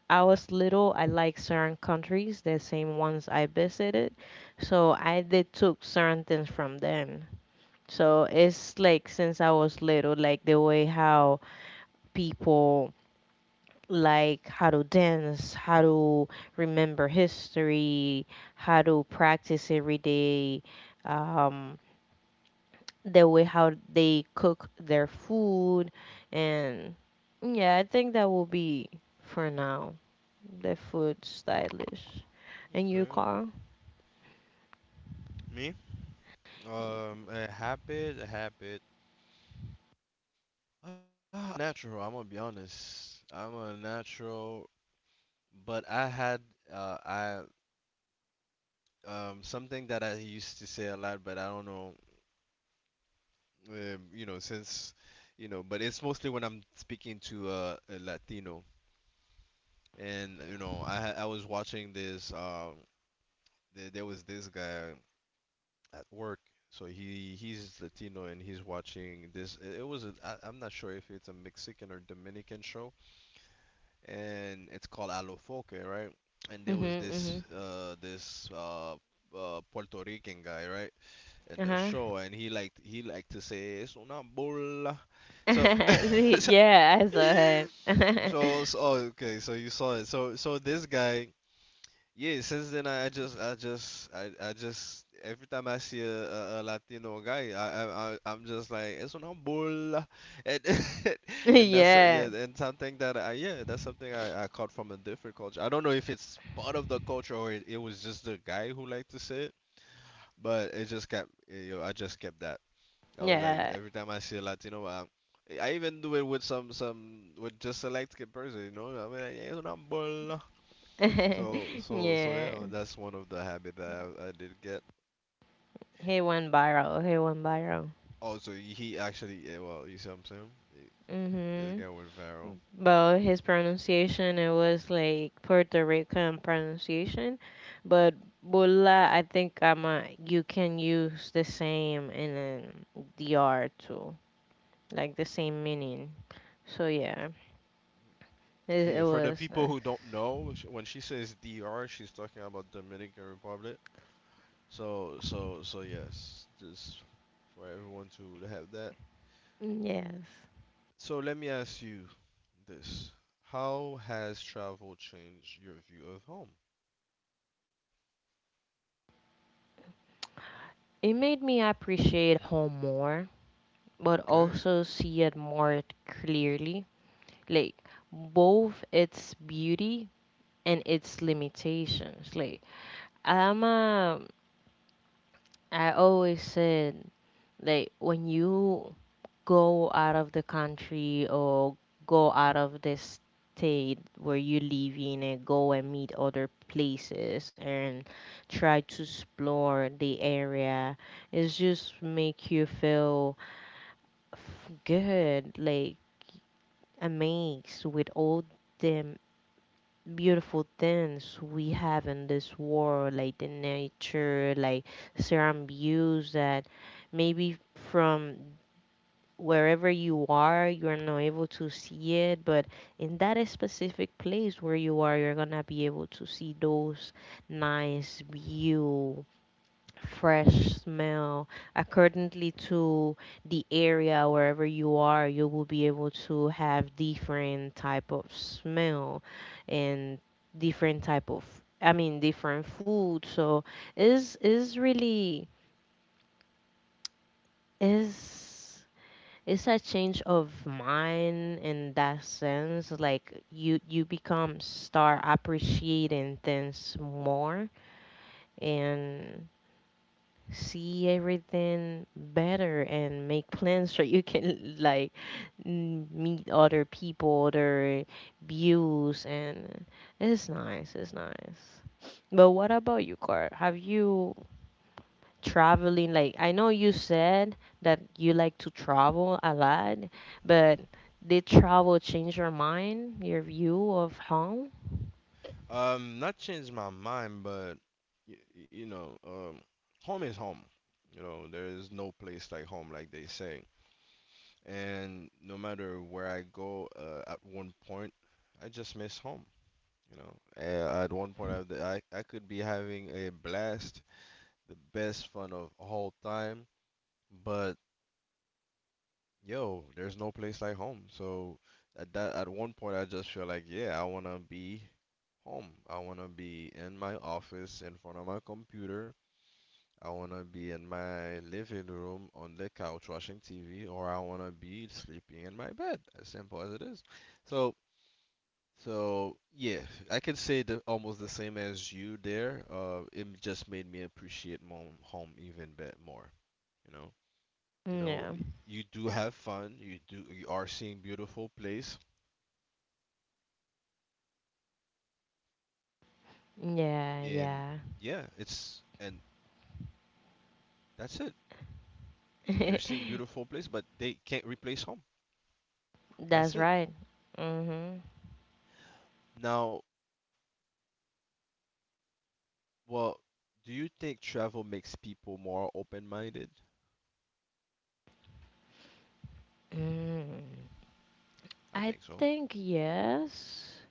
[SPEAKER 2] I was little, I like certain countries, the same ones I visited. So I did took certain things from them. So it's like since I was little, like the way how people like how to dance, how to remember history, how to practice every day, um, the way how they cook their food, and yeah, I think that will be for now. The food stylish, in your
[SPEAKER 1] Okay.
[SPEAKER 2] car.
[SPEAKER 1] Me? A habit, a habit. Ah, natural, I'm gonna be honest. I'm a natural, but I had I something that I used to say a lot, but I don't know you know, since, you know, but it's mostly when I'm speaking to a Latino. And you know, I was watching this there was this guy at work. So he's Latino and he's watching this. It was a, I'm not sure if it's a Mexican or Dominican show, and it's called Alofoque, right? And there was
[SPEAKER 2] Mm-hmm.
[SPEAKER 1] this Puerto Rican guy, right, in
[SPEAKER 2] Mm-hmm.
[SPEAKER 1] the
[SPEAKER 2] Uh-huh.
[SPEAKER 1] show, and he liked to say it's una bola. So
[SPEAKER 2] See, yeah, I saw her.
[SPEAKER 1] so so okay, so you saw it. So so this guy, yeah, since then I just every time I see a Latino guy, I I'm just like es una bola, and and that's
[SPEAKER 2] Yeah.
[SPEAKER 1] yeah, and something that I, yeah, that's something I caught from a different culture. I don't know if it's part of the culture or it was just the guy who liked to say it, but it just kept eh, yo, I just kept that. I was like
[SPEAKER 2] Yeah.
[SPEAKER 1] every time I see a Latino, I even do it with some with just select person, you know. I mean, like, es una bola. So
[SPEAKER 2] Yeah.
[SPEAKER 1] yeah, that's one of the habit that I did get.
[SPEAKER 2] He went viral. He went viral.
[SPEAKER 1] Also, he actually yeah, well, you see what I'm saying? It- This
[SPEAKER 2] Mm-hmm.
[SPEAKER 1] guy went viral.
[SPEAKER 2] But his pronunciation, it was like Puerto Rican pronunciation. But Bula, I think I'm a, you can use the same in DR too, like the same meaning. So yeah. It,
[SPEAKER 1] Yeah,
[SPEAKER 2] it
[SPEAKER 1] for the
[SPEAKER 2] was
[SPEAKER 1] people
[SPEAKER 2] nice.
[SPEAKER 1] who don't know, when she says DR, she's talking about Dominican Republic. So yes, just for everyone to have that.
[SPEAKER 2] Yes.
[SPEAKER 1] So let me ask you this. How has travel changed your view of home? Hmm?
[SPEAKER 2] It made me appreciate home more, but
[SPEAKER 1] Okay.
[SPEAKER 2] also see it more clearly. Like, both its beauty and its limitations. Like, I'm a I always said like when you go out of the country or go out of the state where you live in and go and meet other places and try to explore the area, it just make you feel good, like amazed with all them beautiful things we have in this world, like the nature, like certain views that maybe from wherever you are, you're not able to see it, but in that specific place where you are, you're gonna be able to see those nice view, fresh smell accordingly to the area. Wherever you are, you will be able to have different type of smell and different type of, I mean, different food. So is really is it's a change of mind in that sense, like you become start appreciating things more and see everything better and make plans so you can like meet other people, other views, and it's nice. It's nice. But what about you, Car? Have you traveling? Like I know you said that you like to travel a lot, but did travel change your mind, your view of home?
[SPEAKER 1] Not changed my mind, but y you know, um, home is home. You know, there is no place like home, like they say. And no matter where I go, at one point, I just miss home. You know. At one point, I could be having a blast, the best fun of all time, but yo, there's no place like home. So at one point, I just feel like, yeah, I wanna be home. I want to be in my office in front of my computer. I want to be in my living room on the couch watching TV, or I want to be sleeping in my bed. As simple as it is. So, so yeah, I can say almost the same as you there. It just made me appreciate home even bit more. You know, you know,
[SPEAKER 2] Yeah.
[SPEAKER 1] you do have fun. You do, you are seeing beautiful place, and
[SPEAKER 2] Yeah, yeah.
[SPEAKER 1] yeah, it's and that's it. You're seeing beautiful place, but they can't replace home. That's it.
[SPEAKER 2] That's right. Mm-hmm.
[SPEAKER 1] Now, well, do you think travel makes people more open-minded?
[SPEAKER 2] Mm,
[SPEAKER 1] I think
[SPEAKER 2] I
[SPEAKER 1] so.
[SPEAKER 2] think yes.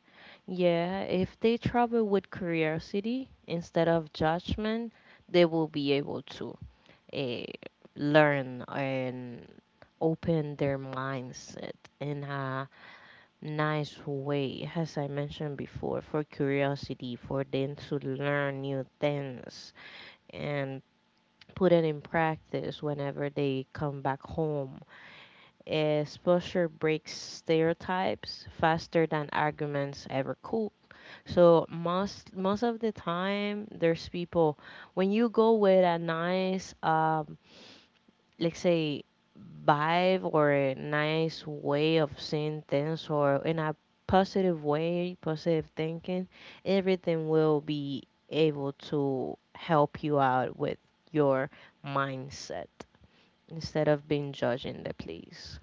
[SPEAKER 2] Yeah, if they travel with curiosity instead of judgment, they will be able to uh, learn and open their mindset in a nice way, as I mentioned before, for curiosity, for them to learn new things and put it in practice whenever they come back home is Pusher breaks stereotypes faster than arguments ever could. So most of the time, there's people when you go with a nice, let's say, vibe or a nice way of seeing things, or in a positive way, positive thinking, everything will be able to help you out with your mindset instead of being judging the place.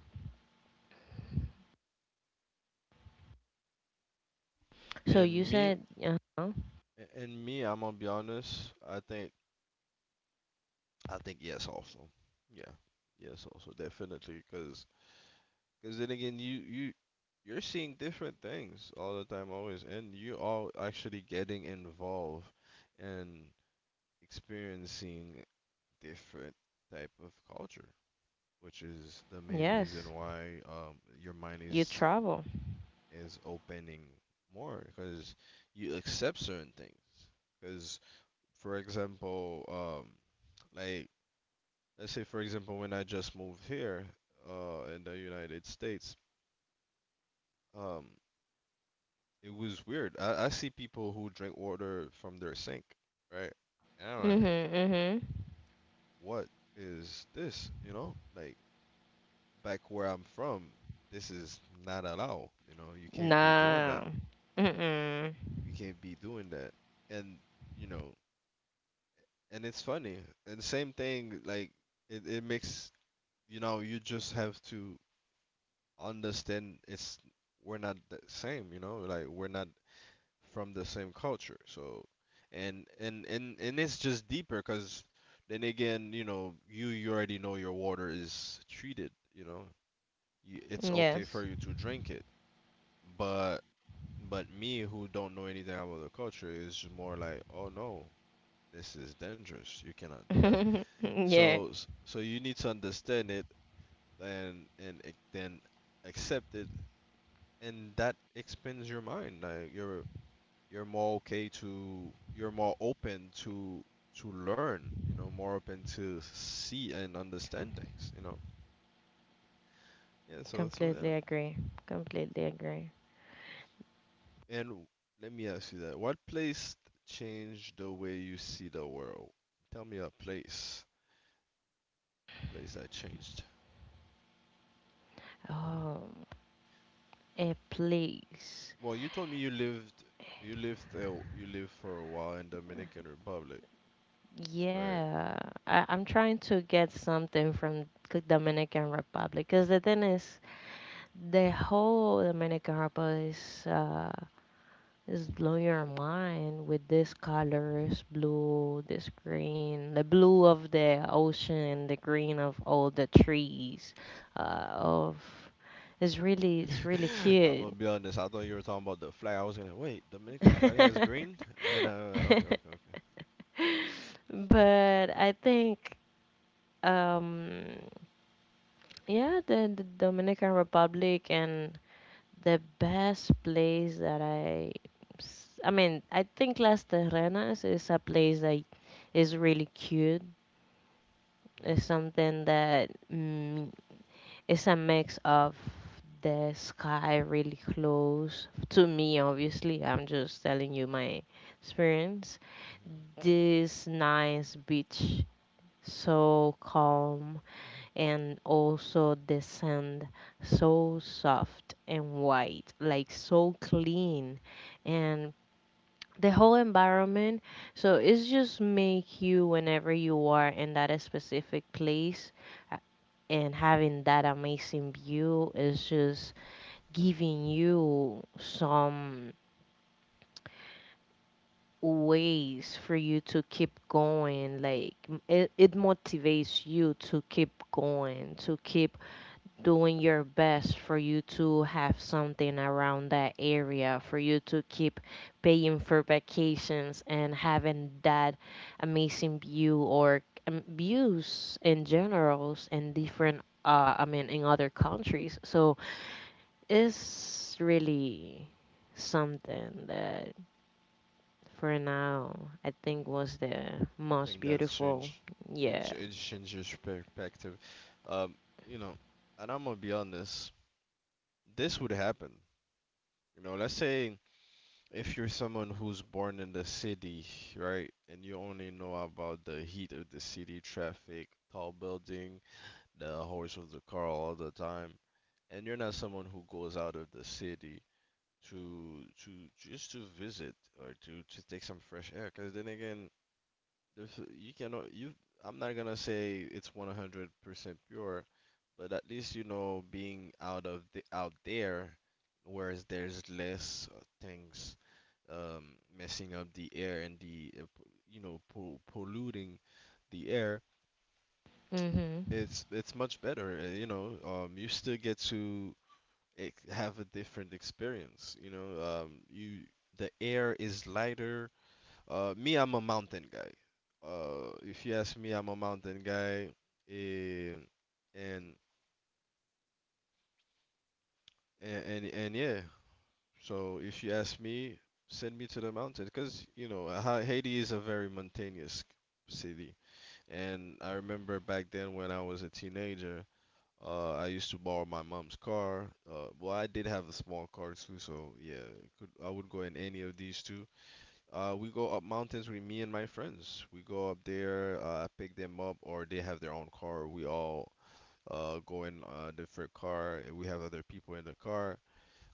[SPEAKER 2] So you
[SPEAKER 1] And me,
[SPEAKER 2] said, uh-huh.
[SPEAKER 1] and me, I'm gonna be honest. I think yes, also. Yeah, yes, also definitely. Cause then again, you you're seeing different things all the time, always, and you are actually getting involved and experiencing different type of culture, which is the main
[SPEAKER 2] Yes,
[SPEAKER 1] reason why your mind
[SPEAKER 2] you
[SPEAKER 1] is
[SPEAKER 2] travel.
[SPEAKER 1] is opening more because you accept certain things. Because, for example, like let's say for example when I just moved here in the United States. um, it was weird. I see people who drink water from their sink, right? And I'm like,
[SPEAKER 2] Mhm, mhm.
[SPEAKER 1] what is this? You know, like back where I'm from, this is not allowed. You know, you can't be doing
[SPEAKER 2] Nah.
[SPEAKER 1] that.
[SPEAKER 2] Mm-mm.
[SPEAKER 1] We can't be doing that. And you know, and it's funny. And same thing, like it makes, you know, you just have to understand it's we're not the same, you know, like we're not from the same culture. So and it's just deeper because then again, you know, you already know your water is treated, you know. It's okay for
[SPEAKER 2] Yes.
[SPEAKER 1] you to drink it. But me who don't know anything about the culture is more like, oh no, this is dangerous. You cannot do that.
[SPEAKER 2] Yeah.
[SPEAKER 1] So so you need to understand it and ac- then accept it, and that expands your mind. Like you're more okay to you're more open to learn. You know, more open to see and understand things. You know. Yeah. So yeah.
[SPEAKER 2] Completely agree. Completely agree.
[SPEAKER 1] And let me ask you that. What place changed the way you see the world? Tell me a place. A place that changed.
[SPEAKER 2] Oh, a place.
[SPEAKER 1] Well, you told me you lived for a while in Dominican Republic, right?
[SPEAKER 2] Yeah, I, I'm trying to get something from Dominican Republic because the thing is, the whole Dominican Republic is just blow your mind with these colors blue, this green, the blue of the ocean, the green of all the trees. Of it's really
[SPEAKER 1] I'm
[SPEAKER 2] cute.
[SPEAKER 1] gonna be honest. I thought you were talking about the flag. I was gonna wait. Dominican flag has
[SPEAKER 2] But
[SPEAKER 1] green, and no, no, no, okay, okay, okay.
[SPEAKER 2] I think um yeah the Dominican Republic and the best place that I I mean I think Las Terrenas is a place that is really cute. It's
[SPEAKER 1] Hmm.
[SPEAKER 2] something that mm, it's a mix of the sky really close to me. Obviously, I'm just telling you my experience. This nice beach, so calm, and also the sand, so soft and white, like so clean, and the whole environment, so it's just make you whenever you are in that specific place, uh, and having that amazing view is just giving you some ways for you to keep going. It motivates you to keep going, to keep doing your best for you to have something around that area, for you to keep paying for vacations and having that amazing view or views in generals in different, I mean, in other countries. So it's really something that for now I
[SPEAKER 1] I
[SPEAKER 2] think was the most
[SPEAKER 1] think that's
[SPEAKER 2] beautiful.
[SPEAKER 1] changed.
[SPEAKER 2] Yeah.
[SPEAKER 1] It changed your perspective. Um, you know, and I'm gonna be honest. This would happen. You know, let's say if you're someone who's born in the city, right, and you only know about the heat of the city, traffic, tall building, the horse of the car all the time, and you're not someone who goes out of the city to just to visit or to take some fresh air. Because then again, there's you cannot you. I'm not gonna say it's 100% pure, but at least you know being out of there, whereas there's less things messing up the air and the you know polluting the air.
[SPEAKER 2] Mhm.
[SPEAKER 1] It's it's much better. You know, you still get to have a different experience. You know, you the air is lighter. Me, I'm a mountain guy. If you ask me, I'm a mountain guy. eh, and and yeah. So if you ask me, send me to the mountain because you know Haiti is a very mountainous city. And I remember back then when I was a teenager, I used to borrow my mom's car. Well, I did have a small car too, so yeah, it could, I would go in any of these two. We go up mountains with me and my friends. We go up there, pick them up, or they have their own car. We all go in a different car, and we have other people in the car.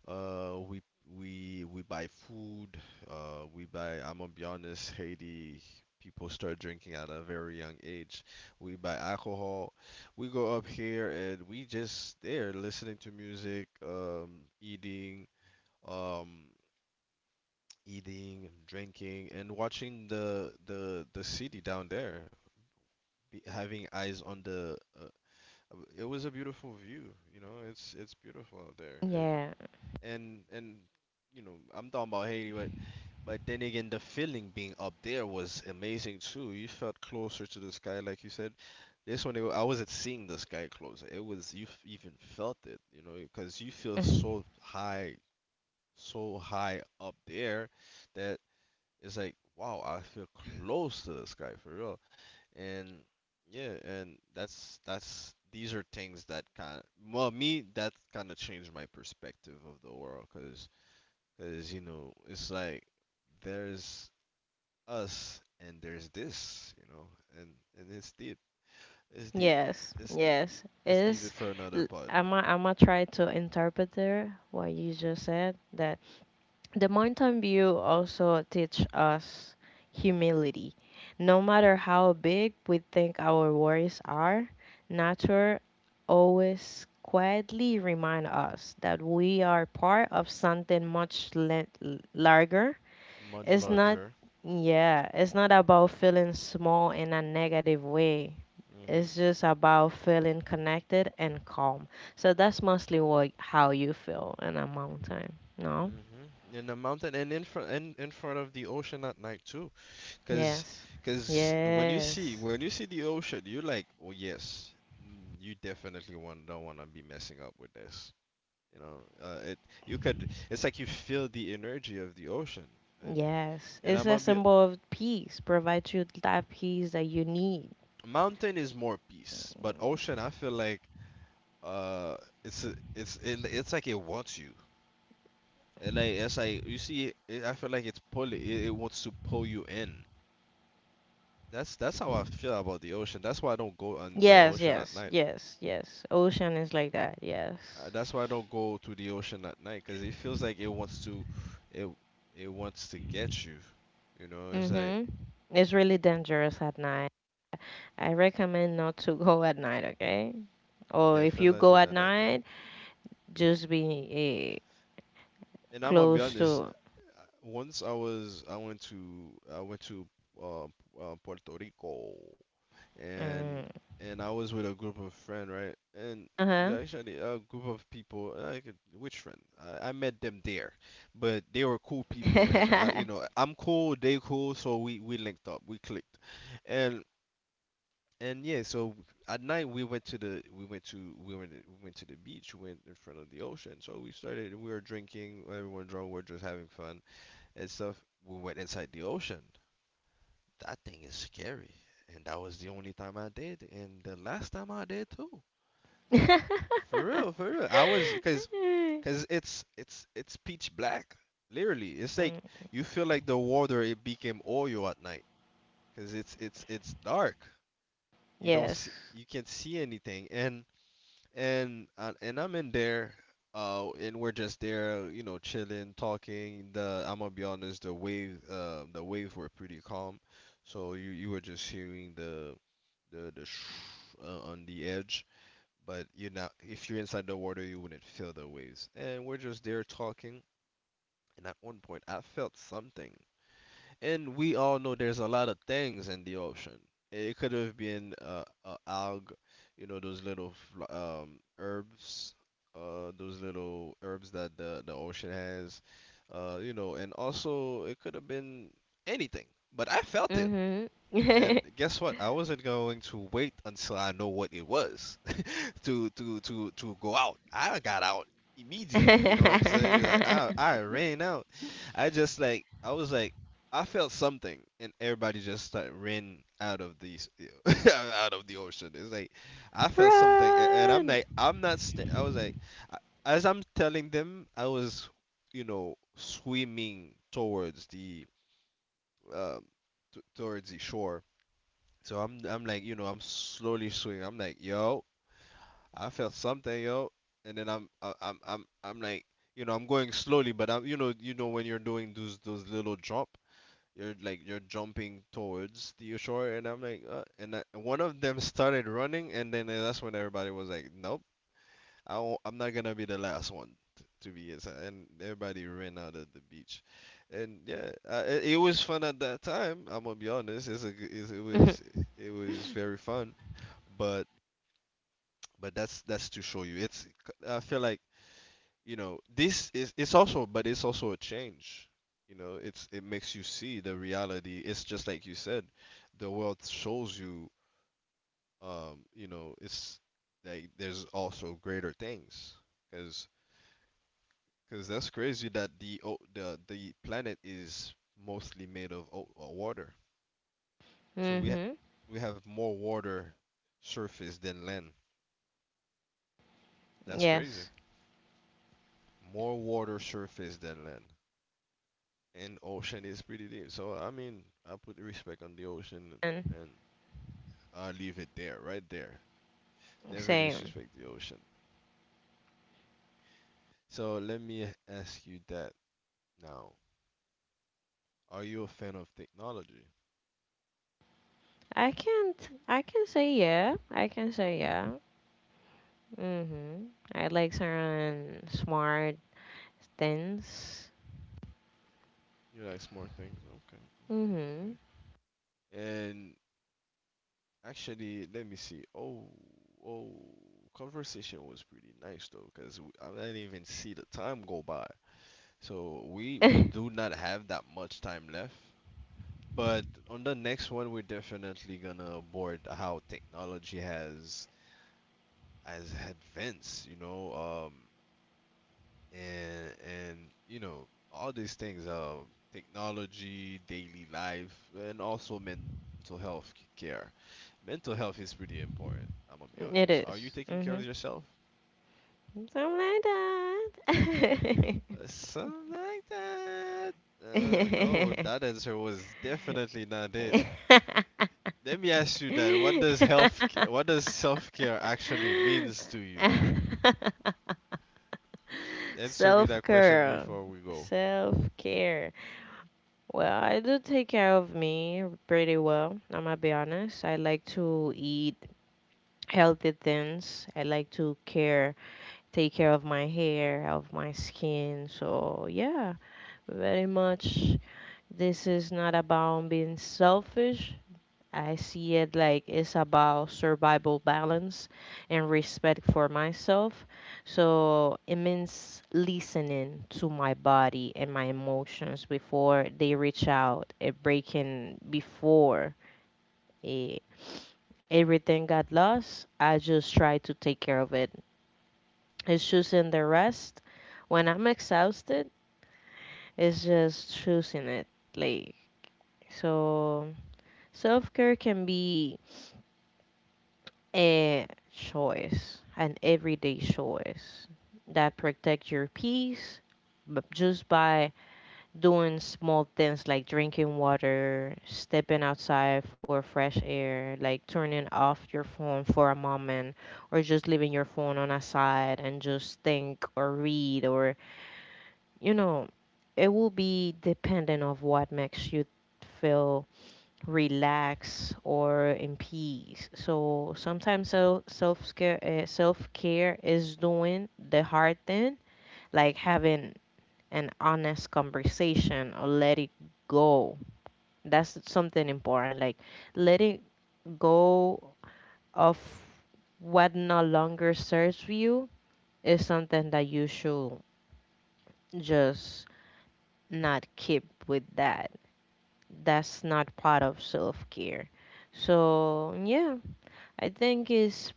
[SPEAKER 1] Uh, we we buy food. We buy. I'm gonna be honest. Haiti people start drinking at a very young age. We buy alcohol. We go up here and we just there listening to music, um, eating, drinking, and watching the city down there, be, having eyes on the. It was a beautiful view. You know, it's beautiful out there. It,
[SPEAKER 2] Yeah.
[SPEAKER 1] and you know, I'm talking about Haiti, but then again, the feeling being up there was amazing too. You felt closer to the sky, like you said. This one, I wasn't seeing the sky closer. It was even felt it, you know, because you feel so high up there that it's like, wow, I feel close to the sky for real. And yeah, and that's these are things that kind of, well, me, that kind of changed my perspective of the world, because you know, it's like there's us and there's this, you know, and it's deep. It's deep, deep.
[SPEAKER 2] Yes,
[SPEAKER 1] It's deep,
[SPEAKER 2] yes.
[SPEAKER 1] deep. Let's leave it
[SPEAKER 2] Is
[SPEAKER 1] for another pod.
[SPEAKER 2] I'm gonna try to interpret there what you just said, that the mountain view also teach us humility. No matter how big we think our worries are, nature always quietly remind us that we are part of something larger.
[SPEAKER 1] Much
[SPEAKER 2] It's not
[SPEAKER 1] larger.
[SPEAKER 2] yeah, it's not about feeling small in a negative way,
[SPEAKER 1] Mm Mhm.
[SPEAKER 2] it's just about feeling connected and calm. So that's mostly what how you feel in a mountain. No?
[SPEAKER 1] mm Mhm. In the mountain and in front of the ocean at night too, cause
[SPEAKER 2] Yes.
[SPEAKER 1] cause when
[SPEAKER 2] Yes.
[SPEAKER 1] when you see the ocean, you're like, oh yes, mm, you definitely want don't want to be messing up with this. You know, it you could. It's like you feel the energy of the ocean, and
[SPEAKER 2] Yes. It's
[SPEAKER 1] I'm
[SPEAKER 2] a
[SPEAKER 1] gonna be,
[SPEAKER 2] symbol of peace. Provides you that peace that you need.
[SPEAKER 1] mountain is more peace, but ocean I feel like uh it's like it wants you, and it's like you see it, I feel like it's pulling it wants to pull you in. That's how I feel about the ocean. That's why I don't go on the
[SPEAKER 2] Yes,
[SPEAKER 1] ocean at
[SPEAKER 2] yes,
[SPEAKER 1] night.
[SPEAKER 2] yes, yes. Ocean is like that, yes.
[SPEAKER 1] That's why I don't go to the ocean at night because it feels like it it wants to get you, you know, it's like.
[SPEAKER 2] Mm-hmm. It's really dangerous at night. I recommend not to go at night, okay? Or if you go
[SPEAKER 1] Definitely
[SPEAKER 2] at
[SPEAKER 1] not at night.
[SPEAKER 2] night, just be
[SPEAKER 1] And I'm gonna be
[SPEAKER 2] close
[SPEAKER 1] honest.
[SPEAKER 2] to.
[SPEAKER 1] Once I was, I went to Puerto Rico, and
[SPEAKER 2] Mm.
[SPEAKER 1] I was with a group of friends, right? And we
[SPEAKER 2] Uh-huh.
[SPEAKER 1] actually a group of people. I could, which friend? I met them there, but they were cool people, and I, you know, I'm cool, they cool, so we linked up, we clicked, and yeah. So at night we went to the we went to the beach, we went in front of the ocean. So we were drinking, everyone drunk, we are just having fun and stuff. We went inside the ocean. That thing is scary. And that was the only time I did, and the last time I did too. For real, for real. I was Cause it's pitch black. Literally, it's like
[SPEAKER 2] Mm.
[SPEAKER 1] you feel like the water it became oil at night, cause it's dark. You don't
[SPEAKER 2] Yes.
[SPEAKER 1] see, you can't see anything, and and I'm in there, and we're just there, you know, chilling, talking. The I'm gonna be honest, the waves were pretty calm, so you were just hearing the sh on the edge, but you know, if you're inside the water, you wouldn't feel the waves. And we're just there talking, and at one point, I felt something. And we all know there's a lot of things in the ocean. It could have been a alg, you know, those herbs, those little herbs that the ocean has, you know, and also it could have been anything. But I felt it,
[SPEAKER 2] Mhm. Mm.
[SPEAKER 1] and guess what? I wasn't going to wait until I know what it was to go out. I got out immediately. You know what I'm saying? Like I ran out. I just like I was like I felt something, and everybody just like ran out of these out of the ocean. It's like I felt something, and I'm
[SPEAKER 2] Run.
[SPEAKER 1] like I'm not. I was like I- as I'm telling them, I was you know swimming towards the um towards the shore. So I'm like you know I'm slowly swimming. I'm like yo, I felt something, yo. And then I'm like, you know, I'm going slowly, but I'm, you know when you're doing those little jump, you're like you're jumping towards the shore, and I'm like, and I, one of them started running, and then that's when everybody was like, nope, I won't, I'm not gonna be the last one to be inside, and everybody ran out of the beach, and yeah, it was fun at that time. I'm gonna be honest, it was very fun, but but that's to show you, it's, I feel like, you know, this is, it's also, but it's also a change. You know, it's, it makes you see the reality. It's just like you said, the world shows you, you know, it's like there's also greater things, because that's crazy that the the planet is mostly made of water. So
[SPEAKER 2] Mhm.
[SPEAKER 1] we have more water surface than land. That's crazy.
[SPEAKER 2] Yes.
[SPEAKER 1] More water surface than land. And ocean is pretty deep. So I mean, I put respect on the ocean,
[SPEAKER 2] And
[SPEAKER 1] and I'll leave it there, right there. Never
[SPEAKER 2] same.
[SPEAKER 1] disrespect the ocean. So let me ask you that now. Are you a fan of technology?
[SPEAKER 2] I can't. I can say yeah. I can say yeah. Mhm. I like certain smart things.
[SPEAKER 1] You like smart things? Okay, okay, okay.
[SPEAKER 2] Mhm.
[SPEAKER 1] And actually, let me see. Oh, coffee nice though, because I didn't even see the time go by. So we we
[SPEAKER 2] It
[SPEAKER 1] do not have that much time left. But on the next one, we're definitely gonna board how technology has advanced, you know, and you know all these things, technology, daily life, and also mental health care. Mental health is pretty important. I'm gonna be honest. Are you
[SPEAKER 2] is.
[SPEAKER 1] taking care of yourself?
[SPEAKER 2] Something like that.
[SPEAKER 1] Something like that. No, that answer was definitely not it. Let me ask you that. What does self-care actually means to you? Answer me
[SPEAKER 2] Self
[SPEAKER 1] that question
[SPEAKER 2] care.
[SPEAKER 1] before we go.
[SPEAKER 2] Self care. Well, I do take care of me pretty well. I'm gonna be honest. I like to eat healthy things. I like to care, take care of my hair, of my skin. So, yeah, very much. This is not about being selfish. I see it like it's about survival, balance, and respect for myself. So it means listening to my body and my emotions before they reach out and breaking before eh, everything got lost. I just try to take care of it. It's choosing the rest when I'm exhausted. It's just choosing it. Like, so. Self care can be a choice, an everyday choice that protects your peace, but just by doing small things like drinking water, stepping outside for fresh air, like turning off your phone for a moment, or just leaving your phone on a side and just think or read, or you know, it will be dependent of what makes you feel relax or in peace. So sometimes, self-care is doing the hard thing, like having an honest conversation or let it go. That's something important, like letting go of what no longer serves you is something that you should just not keep with. That's not part of self-care. So yeah, I think it's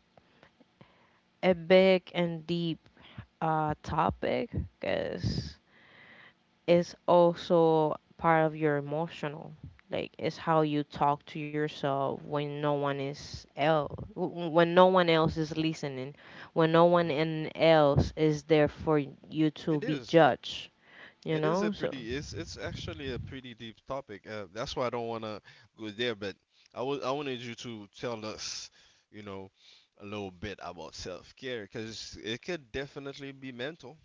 [SPEAKER 2] a big and deep topic, because it's also part of your emotional. Like it's how you talk to yourself when no one is el when no one else is listening, when no one
[SPEAKER 1] Hmm.
[SPEAKER 2] in else is there for you to
[SPEAKER 1] It
[SPEAKER 2] be
[SPEAKER 1] is. It
[SPEAKER 2] judged. You
[SPEAKER 1] it is a
[SPEAKER 2] know, so
[SPEAKER 1] pretty. It's actually a pretty deep topic. That's why I don't wanna go there. But I wanted you to tell us, you know, a little bit about self-care, because it could definitely be mental,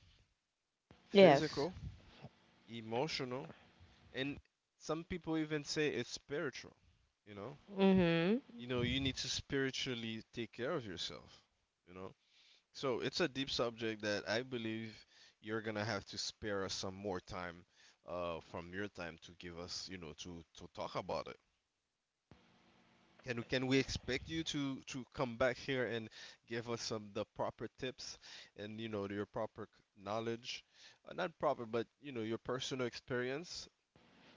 [SPEAKER 2] yes.
[SPEAKER 1] physical, emotional, and some people even say it's spiritual. You know,
[SPEAKER 2] Mhm.
[SPEAKER 1] you know you need to spiritually take care of yourself, you know, so it's a deep subject that I believe you're gonna have to spare us some more time, from your time to give us, you know, to talk about it. Can we expect you to come back here and give us some the proper tips and you know your proper knowledge, not proper but you know your personal experience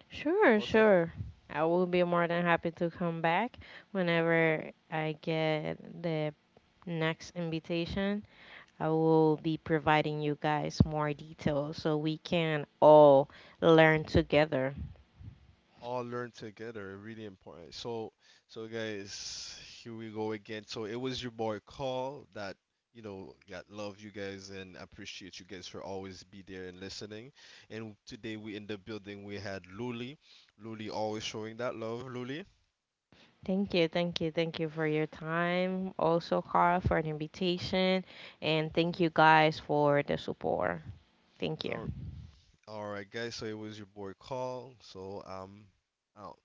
[SPEAKER 2] Sure,
[SPEAKER 1] about
[SPEAKER 2] sure.
[SPEAKER 1] self-care.
[SPEAKER 2] I will be more than happy to come back whenever I get the next invitation. I will be providing you guys more details so we can all learn together.
[SPEAKER 1] All learn together. Really important. So, so guys, here we go again. So it was your boy Call that you know got love you guys and appreciate you guys for always be there and listening. And today we in the building, we had Luli. Luli always showing that love. Luli.
[SPEAKER 2] Thank you, thank you, thank you for your time. Also, Carl, for the invitation. And thank you guys for the support. Thank you.
[SPEAKER 1] All, all right, guys. So it was your boy Call. So uh,